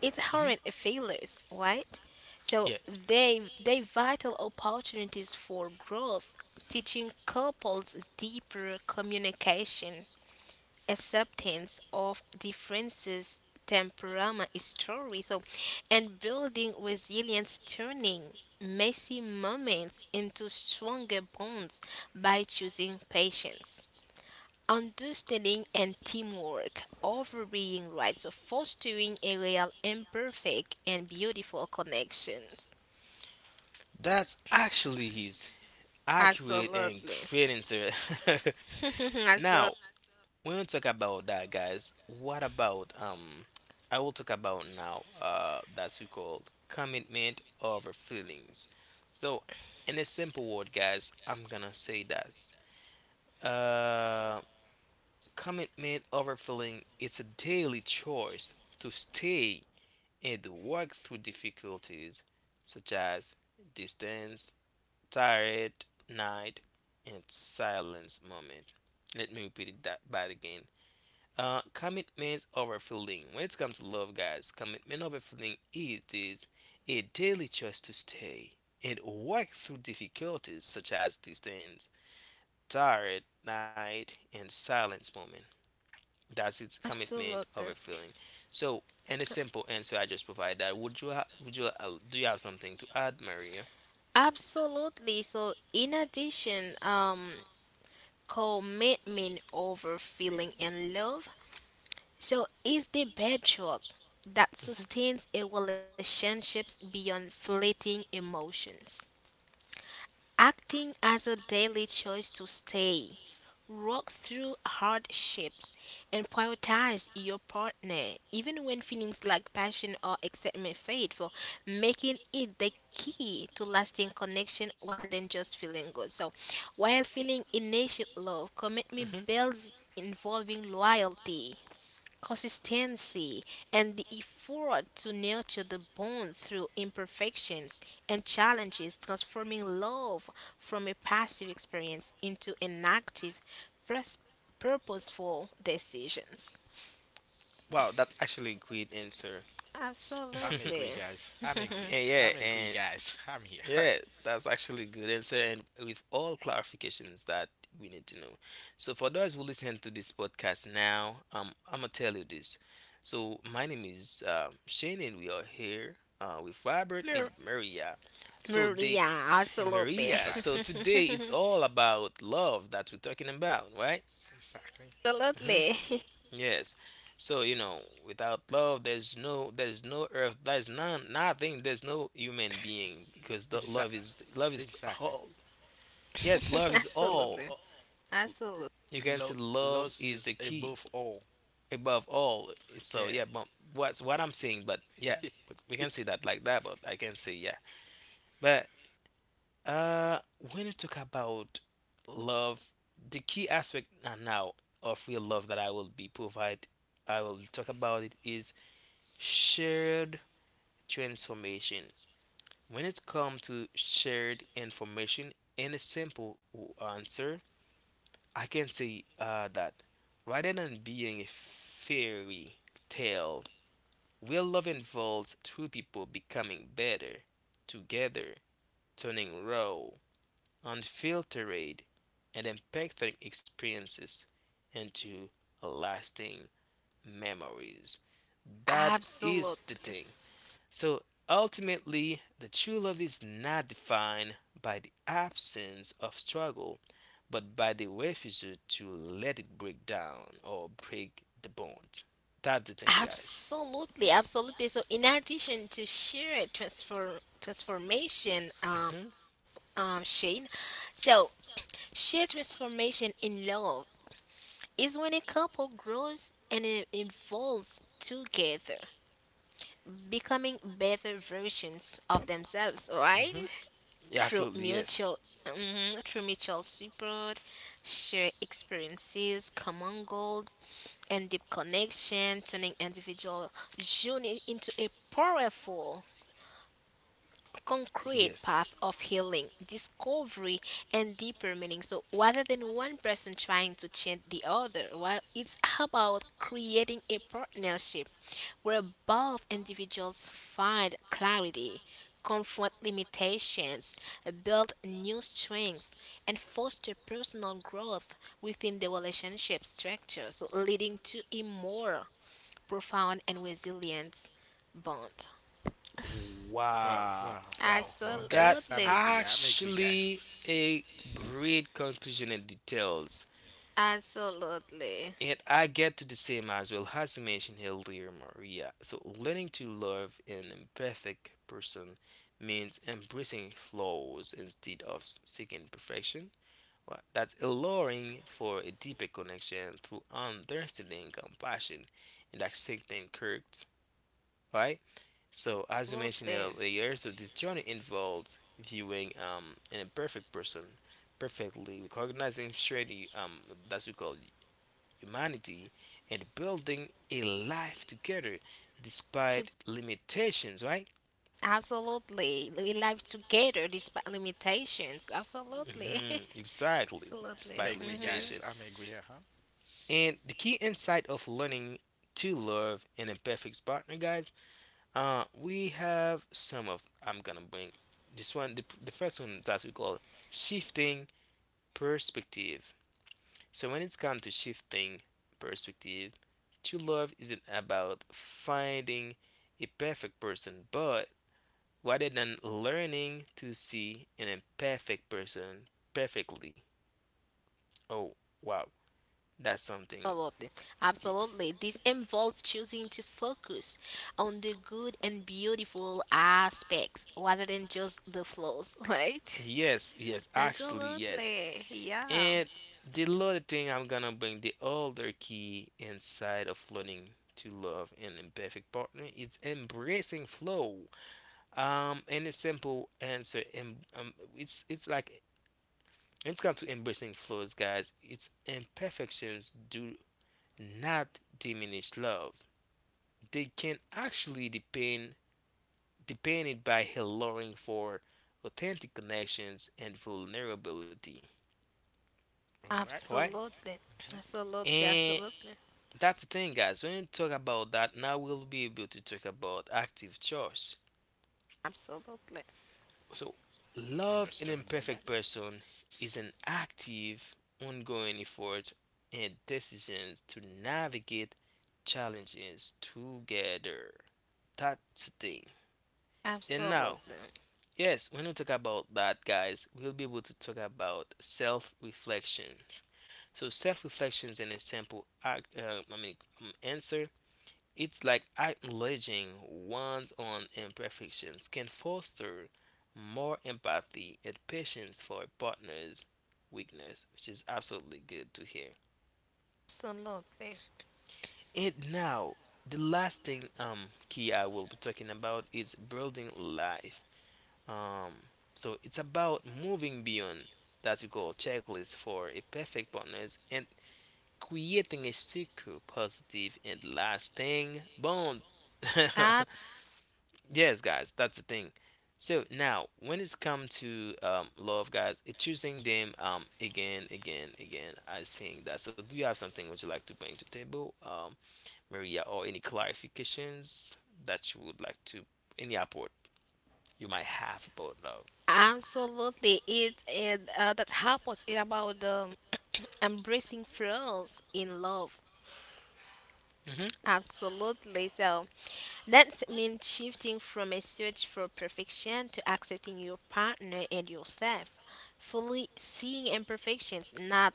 Speaker 3: it's
Speaker 2: mhm,
Speaker 3: hard failures, right? So
Speaker 2: yes
Speaker 3: they vital opportunities for growth, teaching couples deeper communication, acceptance of differences, temperament, story. So and building resilience, turning messy moments into stronger bonds by choosing patience. Understanding and teamwork, overbearing rights of fostering a real, imperfect, and beautiful connections.
Speaker 2: that's actually his accurate and
Speaker 3: Absolutely.
Speaker 2: great answer.
Speaker 3: (laughs)
Speaker 2: (laughs) Now,
Speaker 3: Absolutely.
Speaker 2: when we talk about that, guys, what about I will talk about now that's we called commitment over feelings. So, in a simple word, guys, I'm gonna say that uh commitment over feeling it's a daily choice to stay and work through difficulties such as distance, tired night, and silence moment. Let me repeat it that back again. Commitment over feeling. When it comes to love, guys, commitment over feeling it is a daily choice to stay and work through difficulties such as distance, tired night, and silence moment. That's its commitment
Speaker 3: Absolutely.
Speaker 2: over feeling. So, and a simple answer I just provide that. Would you ha- would you Do you have something to add, Maria?
Speaker 3: Absolutely. So, in addition, commitment over feeling and love. So, is the bedrock that sustains a relationships beyond fleeting emotions. Acting as a daily choice to stay, work through hardships, and prioritize your partner, even when feelings like passion or excitement fade, for making it the key to lasting connection rather than just feeling good. So, while feeling initial love, commitment
Speaker 2: Mhm. Mhm.
Speaker 3: builds, involving loyalty, consistency, and the effort to nurture the bond through imperfections and challenges, transforming love from a passive experience into an active, pers- purposeful decisions.
Speaker 2: Wow, that's actually a great answer. (laughs)
Speaker 1: I'm agree,
Speaker 3: Absolutely.
Speaker 1: guys. I'm agree. I'm agree,
Speaker 2: And
Speaker 1: guys. I'm here. (laughs)
Speaker 2: yeah, that's actually a good answer, and with all clarifications that we need to know. So for those who listen to this podcast now, I'm gonna tell you this. So my name is Shane, and we are here with Robert and
Speaker 3: Mar-
Speaker 2: Maria. So they,
Speaker 3: Maria,
Speaker 2: (laughs)
Speaker 3: absolutely.
Speaker 2: Maria. So
Speaker 1: Exactly.
Speaker 3: (laughs)
Speaker 2: today it's all about love that we're talking about, right?
Speaker 1: Exactly.
Speaker 2: Mm-hmm.
Speaker 3: Absolutely.
Speaker 2: Yes. So, you know, without love, there's no earth, there's none, nothing, there's no human being because
Speaker 1: (laughs)
Speaker 2: the
Speaker 1: Exa-
Speaker 2: love is
Speaker 1: exactly.
Speaker 2: all. Yes,
Speaker 3: (laughs)
Speaker 2: love is
Speaker 3: Absolutely.
Speaker 2: all.
Speaker 3: Absolutely.
Speaker 2: You can see
Speaker 1: Lo-
Speaker 2: love
Speaker 1: Loss
Speaker 2: is the
Speaker 1: is
Speaker 2: key
Speaker 1: above all.
Speaker 2: above all. So,
Speaker 1: Yeah.
Speaker 2: yeah, but what's what I'm saying, but yeah, we can say that like that, but I can say, yeah. But, uh, when you talk about love, the key aspect now of real love that I will be provide, I will talk about it is shared transformation. When it comes to shared information, in a simple answer, I can say that rather than being a fairy tale, real love involves two people becoming better together, turning raw, unfiltered, and impacting experiences into lasting memories. That
Speaker 3: Absolutely.
Speaker 2: is the thing. So ultimately, the true love is not defined by the absence of struggle, but by the refusal to let it break down or break the bond. That's the thing, guys.
Speaker 3: Absolutely, absolutely. So, in addition to sheer transformation,
Speaker 2: Hmm.
Speaker 3: Shane, so sheer transformation in love is when a couple grows and it evolves together, becoming better versions of themselves,
Speaker 2: Hmm.
Speaker 3: right? (laughs)
Speaker 2: Yeah,
Speaker 3: Through
Speaker 2: absolutely, yes.
Speaker 3: mutual, mhm, through mutual support, shared experiences, common goals, and deep connection, turning individual journey into a powerful, concrete
Speaker 2: Yes.
Speaker 3: path of healing, discovery, and deeper meaning. So rather than one person trying to change the other, well, it's about creating a partnership where both individuals find clarity, confront limitations, build new strengths, and foster personal growth within the relationship structure, so leading to a more profound and resilient bond.
Speaker 1: Wow,
Speaker 2: Wow.
Speaker 1: wow, wow, wow,
Speaker 2: That
Speaker 1: guys. I'm
Speaker 3: Absolutely.
Speaker 1: agree. I'm agree, guys.
Speaker 2: actually a great conclusion and details.
Speaker 3: Absolutely.
Speaker 2: And I get to the same as well as you mentioned earlier, Maria. So learning to love an imperfect person means embracing flaws instead of seeking perfection. Well, that's allowing for a deeper connection through understanding, compassion, and accepting correct, right? So, as we mentioned
Speaker 3: Absolutely.
Speaker 2: earlier, so this journey involves viewing an imperfect person perfectly, recognizing surely that's we call humanity, and building a life together despite
Speaker 3: To
Speaker 2: limitations, right?
Speaker 3: Absolutely. We live together despite limitations. Absolutely.
Speaker 2: Hmm.
Speaker 3: (laughs)
Speaker 2: Exactly,
Speaker 3: Absolutely.
Speaker 1: I'm
Speaker 2: despite
Speaker 1: agree,
Speaker 3: Hmm.
Speaker 1: guys.
Speaker 2: limitation.
Speaker 1: I'm agree. Uh huh.
Speaker 2: And the key insight of learning to love an imperfect partner, guys, we have some of. I'm gonna bring this one. The first one that we call shifting perspective. So when it's come to shifting perspective, true love isn't about finding a perfect person, but rather than learning to see an imperfect person perfectly. Oh wow, that's something
Speaker 3: Absolutely.
Speaker 2: i-
Speaker 3: Absolutely. This involves choosing to focus on the good and beautiful aspects rather than just the flaws, (laughs)
Speaker 2: (laughs)
Speaker 3: right?
Speaker 2: yes, yes, actually, yes.
Speaker 3: Absolutely. Yeah.
Speaker 2: And the other thing I'm gonna bring the other key inside of learning to love an imperfect partner it's embracing flow. And a simple answer, it's like it's come to embracing flows, guys. It's imperfections do not diminish love they can actually depend depended by alluring for authentic connections and vulnerability.
Speaker 1: All right.
Speaker 2: Alright?
Speaker 3: Absolutely.
Speaker 1: Mm-hmm.
Speaker 3: Absolutely.
Speaker 2: And
Speaker 3: Absolutely.
Speaker 2: that's the thing guys, when we talk about that, now we'll be able to talk about active choice.
Speaker 3: Absolutely.
Speaker 2: So love an
Speaker 1: Understandable,
Speaker 2: imperfect
Speaker 1: guys.
Speaker 2: person is an active, ongoing effort and decisions to navigate challenges together. That's the thing. And now
Speaker 3: Absolutely.
Speaker 2: yes, when we talk about that, guys, we'll be able to talk about self reflection. So, self reflection is in a simple answer. It's like acknowledging one's own imperfections can foster more empathy and patience for a partner's weakness, which is absolutely good to hear.
Speaker 3: Absolutely.
Speaker 2: And now, the last thing key I will be talking about is building life Um, so it's about moving beyond that you call checklist for a perfect partners and creating a secure, positive, and lasting bond. (laughs)
Speaker 3: Ab-
Speaker 2: Yes, guys, that's the thing. So now, when it's come to love, guys, it's choosing them again, again, again. I think that. So, do you have something would you like to bring to table, Maria, or any clarifications that you would like to, any apport you might have about love?
Speaker 3: Absolutely. It that happens in about (clears throat) embracing flaws in love.
Speaker 2: Hmm.
Speaker 3: Absolutely. So that means shifting from a search for perfection to accepting your partner and yourself, fully seeing imperfections not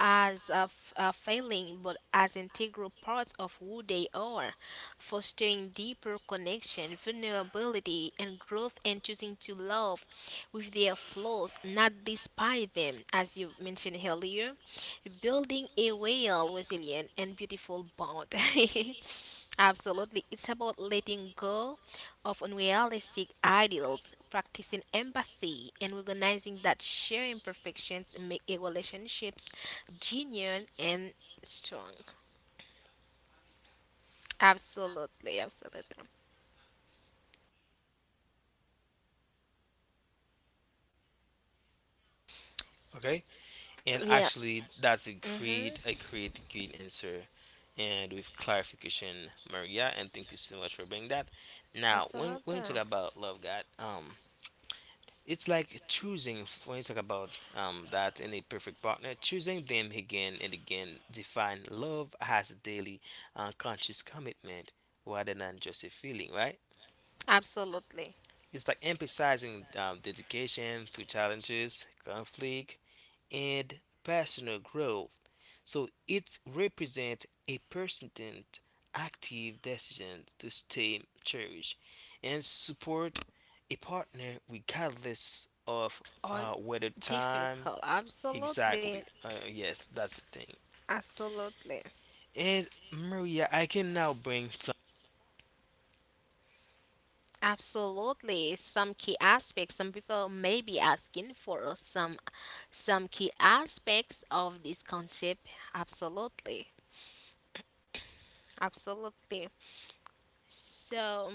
Speaker 3: as a failing but as integral parts of who they are, fostering deeper connection, vulnerability, and growth, and choosing to love with their flaws, not despise them, as you mentioned earlier, building a well resilient and beautiful bond. (laughs) Absolutely, it's about letting go of unrealistic ideals, practicing empathy, and recognizing that sharing imperfections make a relationships genuine and strong. Absolutely, absolutely,
Speaker 2: Okay. And
Speaker 3: yeah,
Speaker 2: actually, that's a
Speaker 3: mm-hmm,
Speaker 2: great answer. And with clarification, Maria, and thank you so much for bringing that. Now, when
Speaker 3: absolutely,
Speaker 2: when you talk about love, God, it's like choosing. When you talk about that in a perfect partner, choosing them again and again define love as a daily, conscious commitment rather than just a feeling, right?
Speaker 3: absolutely,
Speaker 2: It's like emphasizing dedication through challenges, conflict, and personal growth. So it represents a persistent, active decision to stay cherished and support a partner regardless of
Speaker 3: or
Speaker 2: whether time.
Speaker 3: difficult, absolutely,
Speaker 2: Exactly. Yes, that's the thing.
Speaker 3: absolutely.
Speaker 2: And Maria, I can now bring.
Speaker 3: Absolutely. Some key aspects. Some people may be asking for some key aspects of this concept. Absolutely. Absolutely. So,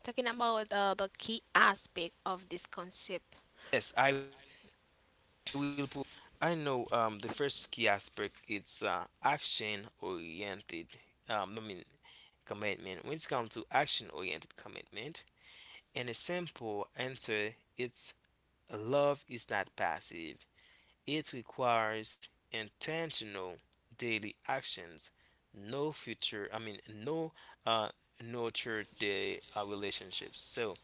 Speaker 3: talking about the key aspect of this concept.
Speaker 2: Yes, I will provide some. The first one, I know the first key aspect it's action oriented. I mean commitment. When it comes to action oriented commitment, and a simple answer, it's love is not passive. It requires intentional daily actions. No future. I mean no uh, nurture the relationships. So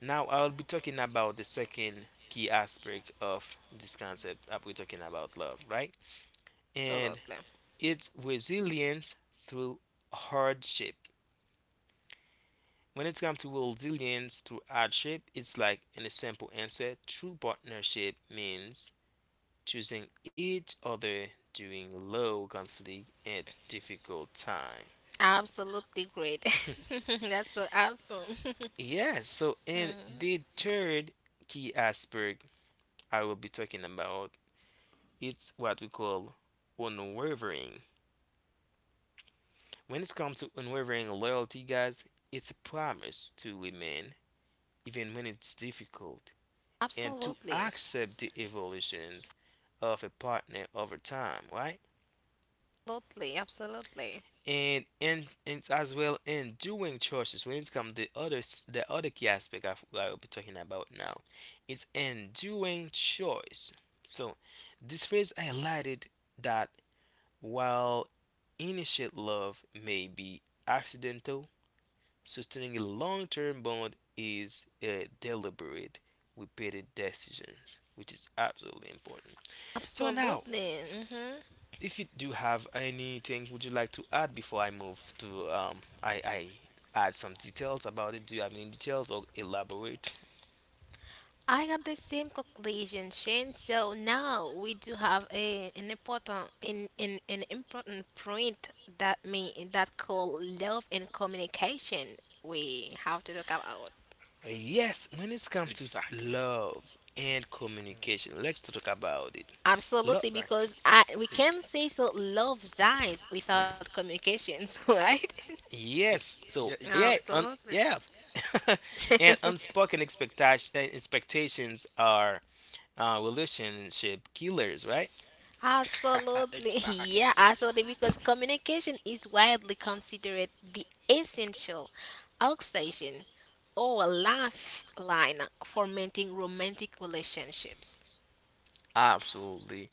Speaker 2: now I'll be talking about the second key aspect of this concept that we're talking about love, right? And
Speaker 3: Absolutely.
Speaker 2: it's resilience through hardship. When it comes to resilience through hardship, it's like in a simple answer, true partnership means choosing each other during low conflict and difficult time.
Speaker 3: Absolutely great.
Speaker 2: (laughs)
Speaker 3: (laughs) That's so awesome. (laughs)
Speaker 2: Yes, so in the third key aspect I will be talking about. It's what we call unwavering. When it comes to unwavering loyalty, guys, it's a promise to remain even when it's difficult and to
Speaker 3: Absolutely.
Speaker 2: accept the evolutions of a partner over time, right?
Speaker 3: Absolutely. Absolutely.
Speaker 2: And it's as well in doing choices when it's come the other key aspect of what I'll be talking about now is enduring choice. So this phrase highlighted that while initial love may be accidental. Sustaining a long term bond is a deliberate, repeated decisions, which is absolutely important. So now,
Speaker 3: Absolutely. Hmm.
Speaker 2: if you do have anything would you like to add before I move to I add some details about it? Do you have any details or elaborate?
Speaker 3: I got the same conclusion, Shane. So now we do have a an important in an important point that me that called love and communication, we have to talk about.
Speaker 2: Yes, when it's come to
Speaker 1: Exactly.
Speaker 2: love and communication, let's talk about it. Lo-.
Speaker 3: Absolutely, because
Speaker 1: Exactly.
Speaker 3: I we can
Speaker 1: Yes.
Speaker 3: say so love dies without communications, (laughs) right?
Speaker 2: Yes. So
Speaker 1: Yeah, exactly.
Speaker 3: Absolutely.
Speaker 2: (laughs) and
Speaker 3: (laughs)
Speaker 2: unspoken expectations are relationship killers, right?
Speaker 1: (laughs)
Speaker 3: Absolutely. (laughs)
Speaker 1: Exactly.
Speaker 3: Yeah, absolutely. Because communication is widely considered the essential oxygen or lifeline for maintaining romantic relationships.
Speaker 2: Absolutely.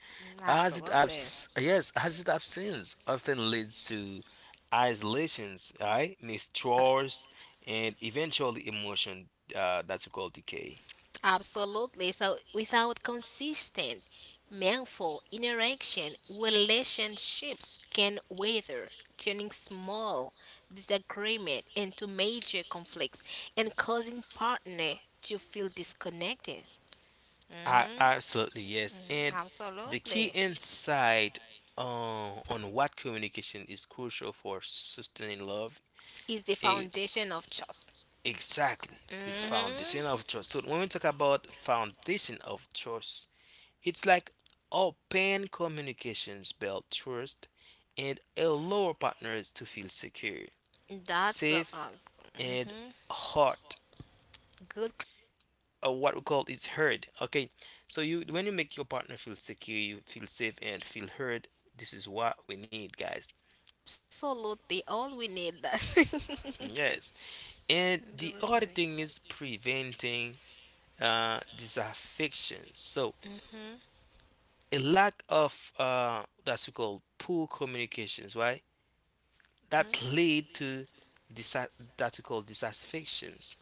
Speaker 2: As it
Speaker 3: Absolutely.
Speaker 2: yes, as it absence often leads to isolations, right? Mistrust, and eventually emotion that's called decay.
Speaker 3: Absolutely. So, without consistent, meaningful interaction, relationships can wither, turning small disagreement into major conflicts and causing partner to feel disconnected.
Speaker 2: I absolutely yes, and the key
Speaker 3: Absolutely.
Speaker 2: insight on what communication is crucial for sustaining love.
Speaker 3: It's the
Speaker 2: E-
Speaker 3: foundation of trust.
Speaker 2: exactly is foundation
Speaker 3: Mm-hmm.
Speaker 2: of trust. So when we talk about foundation of trust it's like open communications build trust and allow partners to feel secure,
Speaker 3: That's so
Speaker 2: safe,
Speaker 3: awesome.
Speaker 2: and
Speaker 3: Mm-hmm.
Speaker 2: hurt,
Speaker 3: Good.
Speaker 2: or what we call is heard. Okay, so you, when you make your partner feel secure, you feel safe and feel heard, this is what we need, guys.
Speaker 3: Absolutely. All we need that. (laughs)
Speaker 2: Yes, and the other
Speaker 3: Absolutely.
Speaker 2: thing is preventing disaffection. So
Speaker 3: Mm-hmm.
Speaker 2: a lack of that's we call poor communications, right? That lead to disa- that we call dissatisfactions,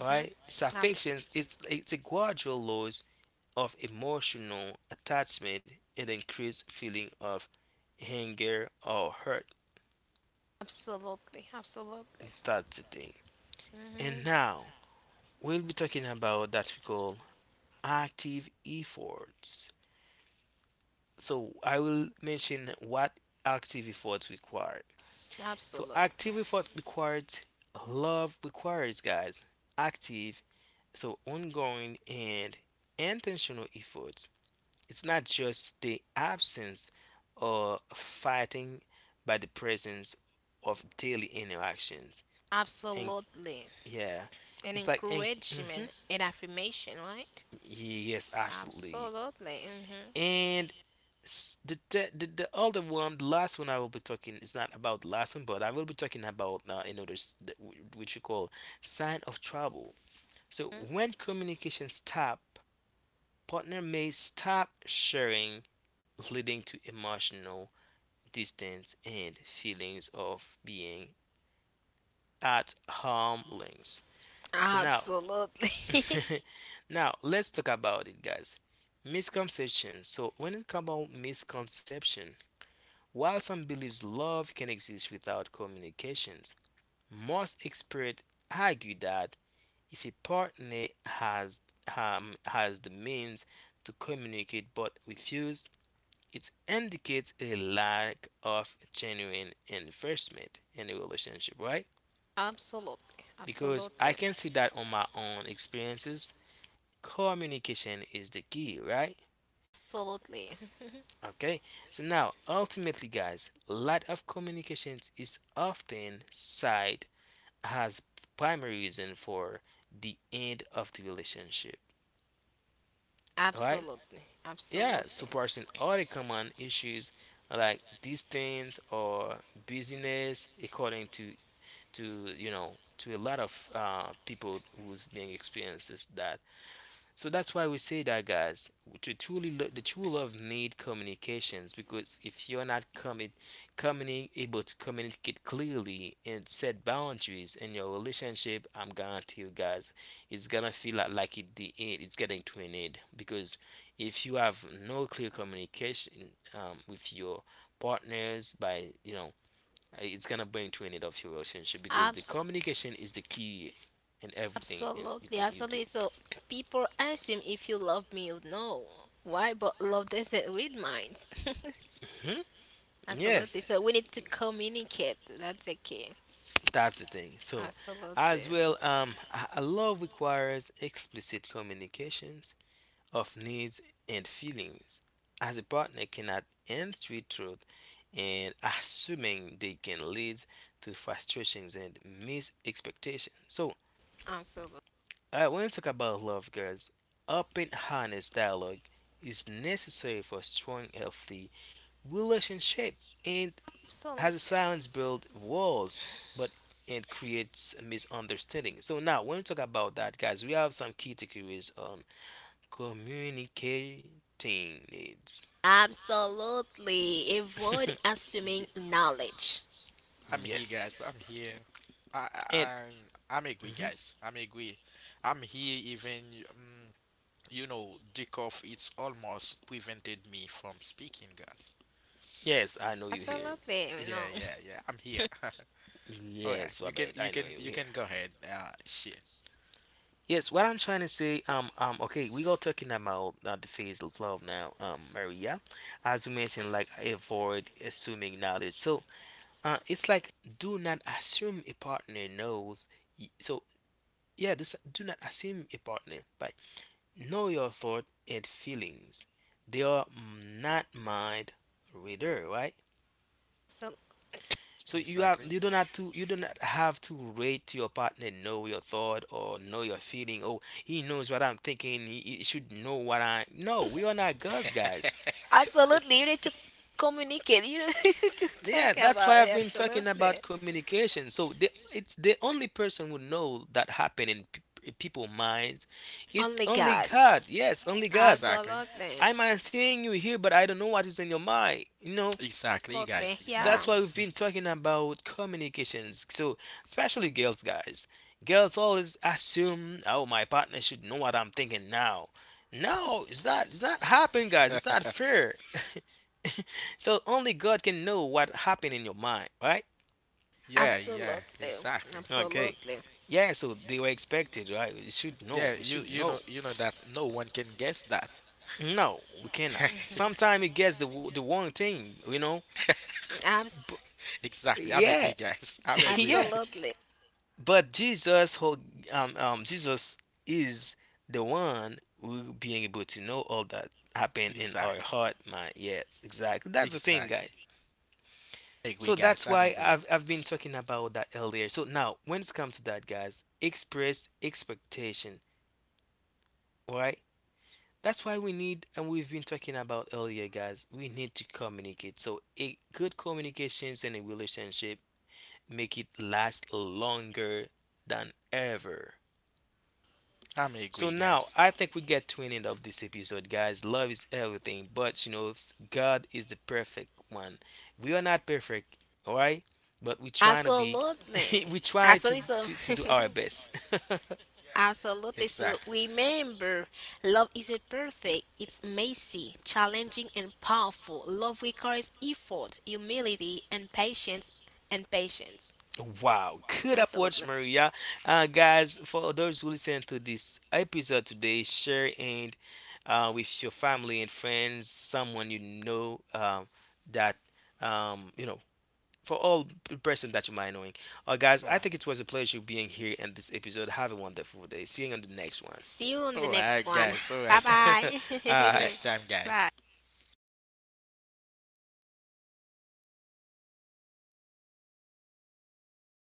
Speaker 2: right?
Speaker 3: Abs-
Speaker 2: Dissatisfactions, it's a gradual loss of emotional attachment and increased feeling of anger or hurt.
Speaker 3: Absolutely. Absolutely.
Speaker 2: That's the thing. And
Speaker 3: Mm-hmm.
Speaker 2: now we'll be talking about that we call active efforts. So I will mention what active efforts require. So active
Speaker 3: Absolutely.
Speaker 2: effort requires, love requires, guys, active, so ongoing and intentional efforts. It's not just the absence or fighting by the presence of daily interactions. And
Speaker 3: Absolutely.
Speaker 2: yeah,
Speaker 3: An
Speaker 2: it's like. And mhm.
Speaker 3: encouragement, an affirmation, right?
Speaker 2: Yes, absolutely.
Speaker 3: Absolutely. Mm-hmm.
Speaker 2: And the other one, the last one I will be talking is not about the last one, but I will be talking about another which we call sign of trouble. So when communication stop, partner may stop sharing, leading to emotional distance and feelings of being at harm links.
Speaker 3: Mm-hmm.
Speaker 2: So now,
Speaker 3: Absolutely. (laughs)
Speaker 2: (laughs) now let's talk about it, guys. Misconceptions. So when it comes about misconception, while some believes love can exist without communications, most experts argue that if a partner has the means to communicate but refuses, it indicates a lack of genuine investment in a relationship, right?
Speaker 3: Absolutely.
Speaker 2: Because
Speaker 3: Absolutely.
Speaker 2: I can see that on my own
Speaker 3: Absolutely.
Speaker 2: experiences, communication is the key, right? Okay, so now ultimately, guys, lack of communications is often cited has primary reason for the end of the relationship. Alright?
Speaker 3: Absolutely.
Speaker 2: Yeah,
Speaker 3: Absolutely.
Speaker 2: suppressing other common issues like distance or busyness according to you know to a lot of people who's being experiences that. So that's why we say that, guys. To truly, the true love need communications because if you're not coming able to communicate clearly and set boundaries in your relationship, I'm guarantee you, guys, it's gonna feel like the end. It's getting to an end because if you have no clear communication with your partners, by you know, it's gonna bring to an end of your relationship because the communication is the key in everything and you
Speaker 3: Absolutely.
Speaker 2: think you do.
Speaker 3: Absolutely. So (clears throat) people ask him if you love me, you know. Why? But love doesn't read minds.
Speaker 2: Hmm?
Speaker 3: (laughs)
Speaker 2: Yes,
Speaker 3: Absolutely. So we need to communicate. That's the key.
Speaker 2: that's the thing. So,
Speaker 3: Absolutely.
Speaker 2: as well, a love requires explicit communications of needs and feelings, as a partner cannot entreat truth and assuming they can lead to frustrations and missed expectations. So,
Speaker 3: Absolutely.
Speaker 2: when we talk about love, guys, open, honest dialogue is necessary for strong, healthy relationship. And has a
Speaker 3: Absolutely.
Speaker 2: silence build walls, but it creates a misunderstanding. So now, when we talk about that, guys, we have some key takeaways on communicating needs.
Speaker 3: Absolutely. Avoid
Speaker 1: Ye-
Speaker 3: assuming knowledge.
Speaker 2: (laughs)
Speaker 1: I'm here,
Speaker 2: Yes,
Speaker 1: guys. I'm here. I,
Speaker 2: and
Speaker 1: I, I'm, I'm agree,
Speaker 2: mhm.
Speaker 1: guys. I'm agree. I'm here even, dick off. It's almost prevented me from speaking, guys.
Speaker 2: Yes, I know you here.
Speaker 3: Absolutely,
Speaker 1: Yeah,
Speaker 3: you know.
Speaker 1: yeah, yeah.
Speaker 3: (laughs)
Speaker 1: I'm here. (laughs) All right.
Speaker 2: Yes,
Speaker 1: You can,
Speaker 2: Wabed, I
Speaker 1: you
Speaker 2: know
Speaker 1: can,
Speaker 2: you
Speaker 1: you
Speaker 2: here.
Speaker 1: can go ahead. Shit.
Speaker 2: Yes, what I'm trying to say, okay, we are talking about the phase of love now, Maria, as you mentioned, like avoid assuming knowledge. So, it's like do not assume a partner knows. So yeah, do not assume a partner, but know your thought and feelings. They are not mind reader, right?
Speaker 3: So
Speaker 2: So
Speaker 1: Exactly.
Speaker 2: you do not have to rate your partner know your thought or know your feeling. Oh, he knows what I'm thinking. He should know what I. No, we are not gods, guys.
Speaker 3: absolutely, you need to communicate. You know, (laughs) to talk
Speaker 2: Yeah,
Speaker 3: about
Speaker 2: that's
Speaker 3: it.
Speaker 2: why I've been talking
Speaker 3: Absolutely.
Speaker 2: about communication. So the, it's the only person who know that happened in people minds. It's
Speaker 3: Only
Speaker 2: only
Speaker 3: God.
Speaker 2: God. Yes, only God.
Speaker 1: Exactly.
Speaker 3: Absolutely.
Speaker 2: I might seeing you here, but I don't know what is in your mind. You know,
Speaker 1: Exactly, guys.
Speaker 3: Absolutely.
Speaker 2: that's
Speaker 1: Exactly.
Speaker 3: Yeah.
Speaker 2: why we've been
Speaker 1: (laughs)
Speaker 2: talking about communications. So, especially girls, guys. Girls always assume, oh, my partner should know what I'm thinking now. No, it's not. It's not happen, guys. It's not fair. (laughs) So only God can know what happened in your mind, right?
Speaker 1: Yeah, yeah,
Speaker 3: Absolutely.
Speaker 1: exactly.
Speaker 2: Okay.
Speaker 3: Absolutely.
Speaker 2: Yeah. So they were expected, right?
Speaker 1: Yeah,
Speaker 2: We
Speaker 1: you
Speaker 2: should
Speaker 1: you know
Speaker 2: know.
Speaker 1: you know that no one can guess that.
Speaker 2: No, we cannot.
Speaker 1: (laughs)
Speaker 2: Sometimes it gets the wrong thing, you know.
Speaker 3: Abs-
Speaker 2: But
Speaker 1: Exactly. I'm agree,
Speaker 2: yeah,
Speaker 1: guys. I'm
Speaker 2: (laughs)
Speaker 1: agree.
Speaker 2: yeah,
Speaker 1: (laughs)
Speaker 3: Absolutely.
Speaker 2: but Jesus, who Jesus is the one who being able to know all that happen in our
Speaker 1: Exactly.
Speaker 2: heart, man. Yes, exactly. That's the thing, guys.
Speaker 1: Exactly. Agree,
Speaker 2: So
Speaker 1: guys.
Speaker 2: that's
Speaker 1: I'm
Speaker 2: why
Speaker 1: agree.
Speaker 2: I've been talking about that earlier. So now, when it's come to that, guys, express expectation, all right? That's why we need, and we've been talking about earlier, guys. We need to communicate. So a good communications in a relationship make it last longer than ever.
Speaker 1: I'm
Speaker 2: So
Speaker 1: agree,
Speaker 2: now
Speaker 1: guys.
Speaker 2: I think we get to an end of this episode, guys. Love is everything, but you know if God is the perfect one. We are not perfect, all right? But we trying to be. (laughs)
Speaker 3: Absolutely.
Speaker 2: We try to,
Speaker 3: Absolutely. So.
Speaker 2: to do
Speaker 3: (laughs)
Speaker 2: our best. (laughs)
Speaker 3: Absolutely. So
Speaker 1: Exactly.
Speaker 3: remember, love isn't perfect. It's messy, challenging, and powerful. Love requires effort, humility, and patience. And patience.
Speaker 2: Wow, good approach,
Speaker 3: Absolutely.
Speaker 2: Maria. Guys, for those who listen to this episode today, share and with your family and friends, someone you know that you know for all the person that you might knowing. Guys,
Speaker 1: All
Speaker 2: I
Speaker 1: right.
Speaker 2: think it was a pleasure being here in this episode. Have a wonderful day. See you on the next one.
Speaker 3: See you on the
Speaker 1: All
Speaker 3: next
Speaker 1: right,
Speaker 3: one.
Speaker 1: guys. All
Speaker 3: Bye
Speaker 1: right, guys.
Speaker 2: (laughs)
Speaker 3: bye.
Speaker 2: All
Speaker 3: (laughs)
Speaker 1: Next
Speaker 2: right.
Speaker 1: time,
Speaker 3: Bye.
Speaker 1: guys.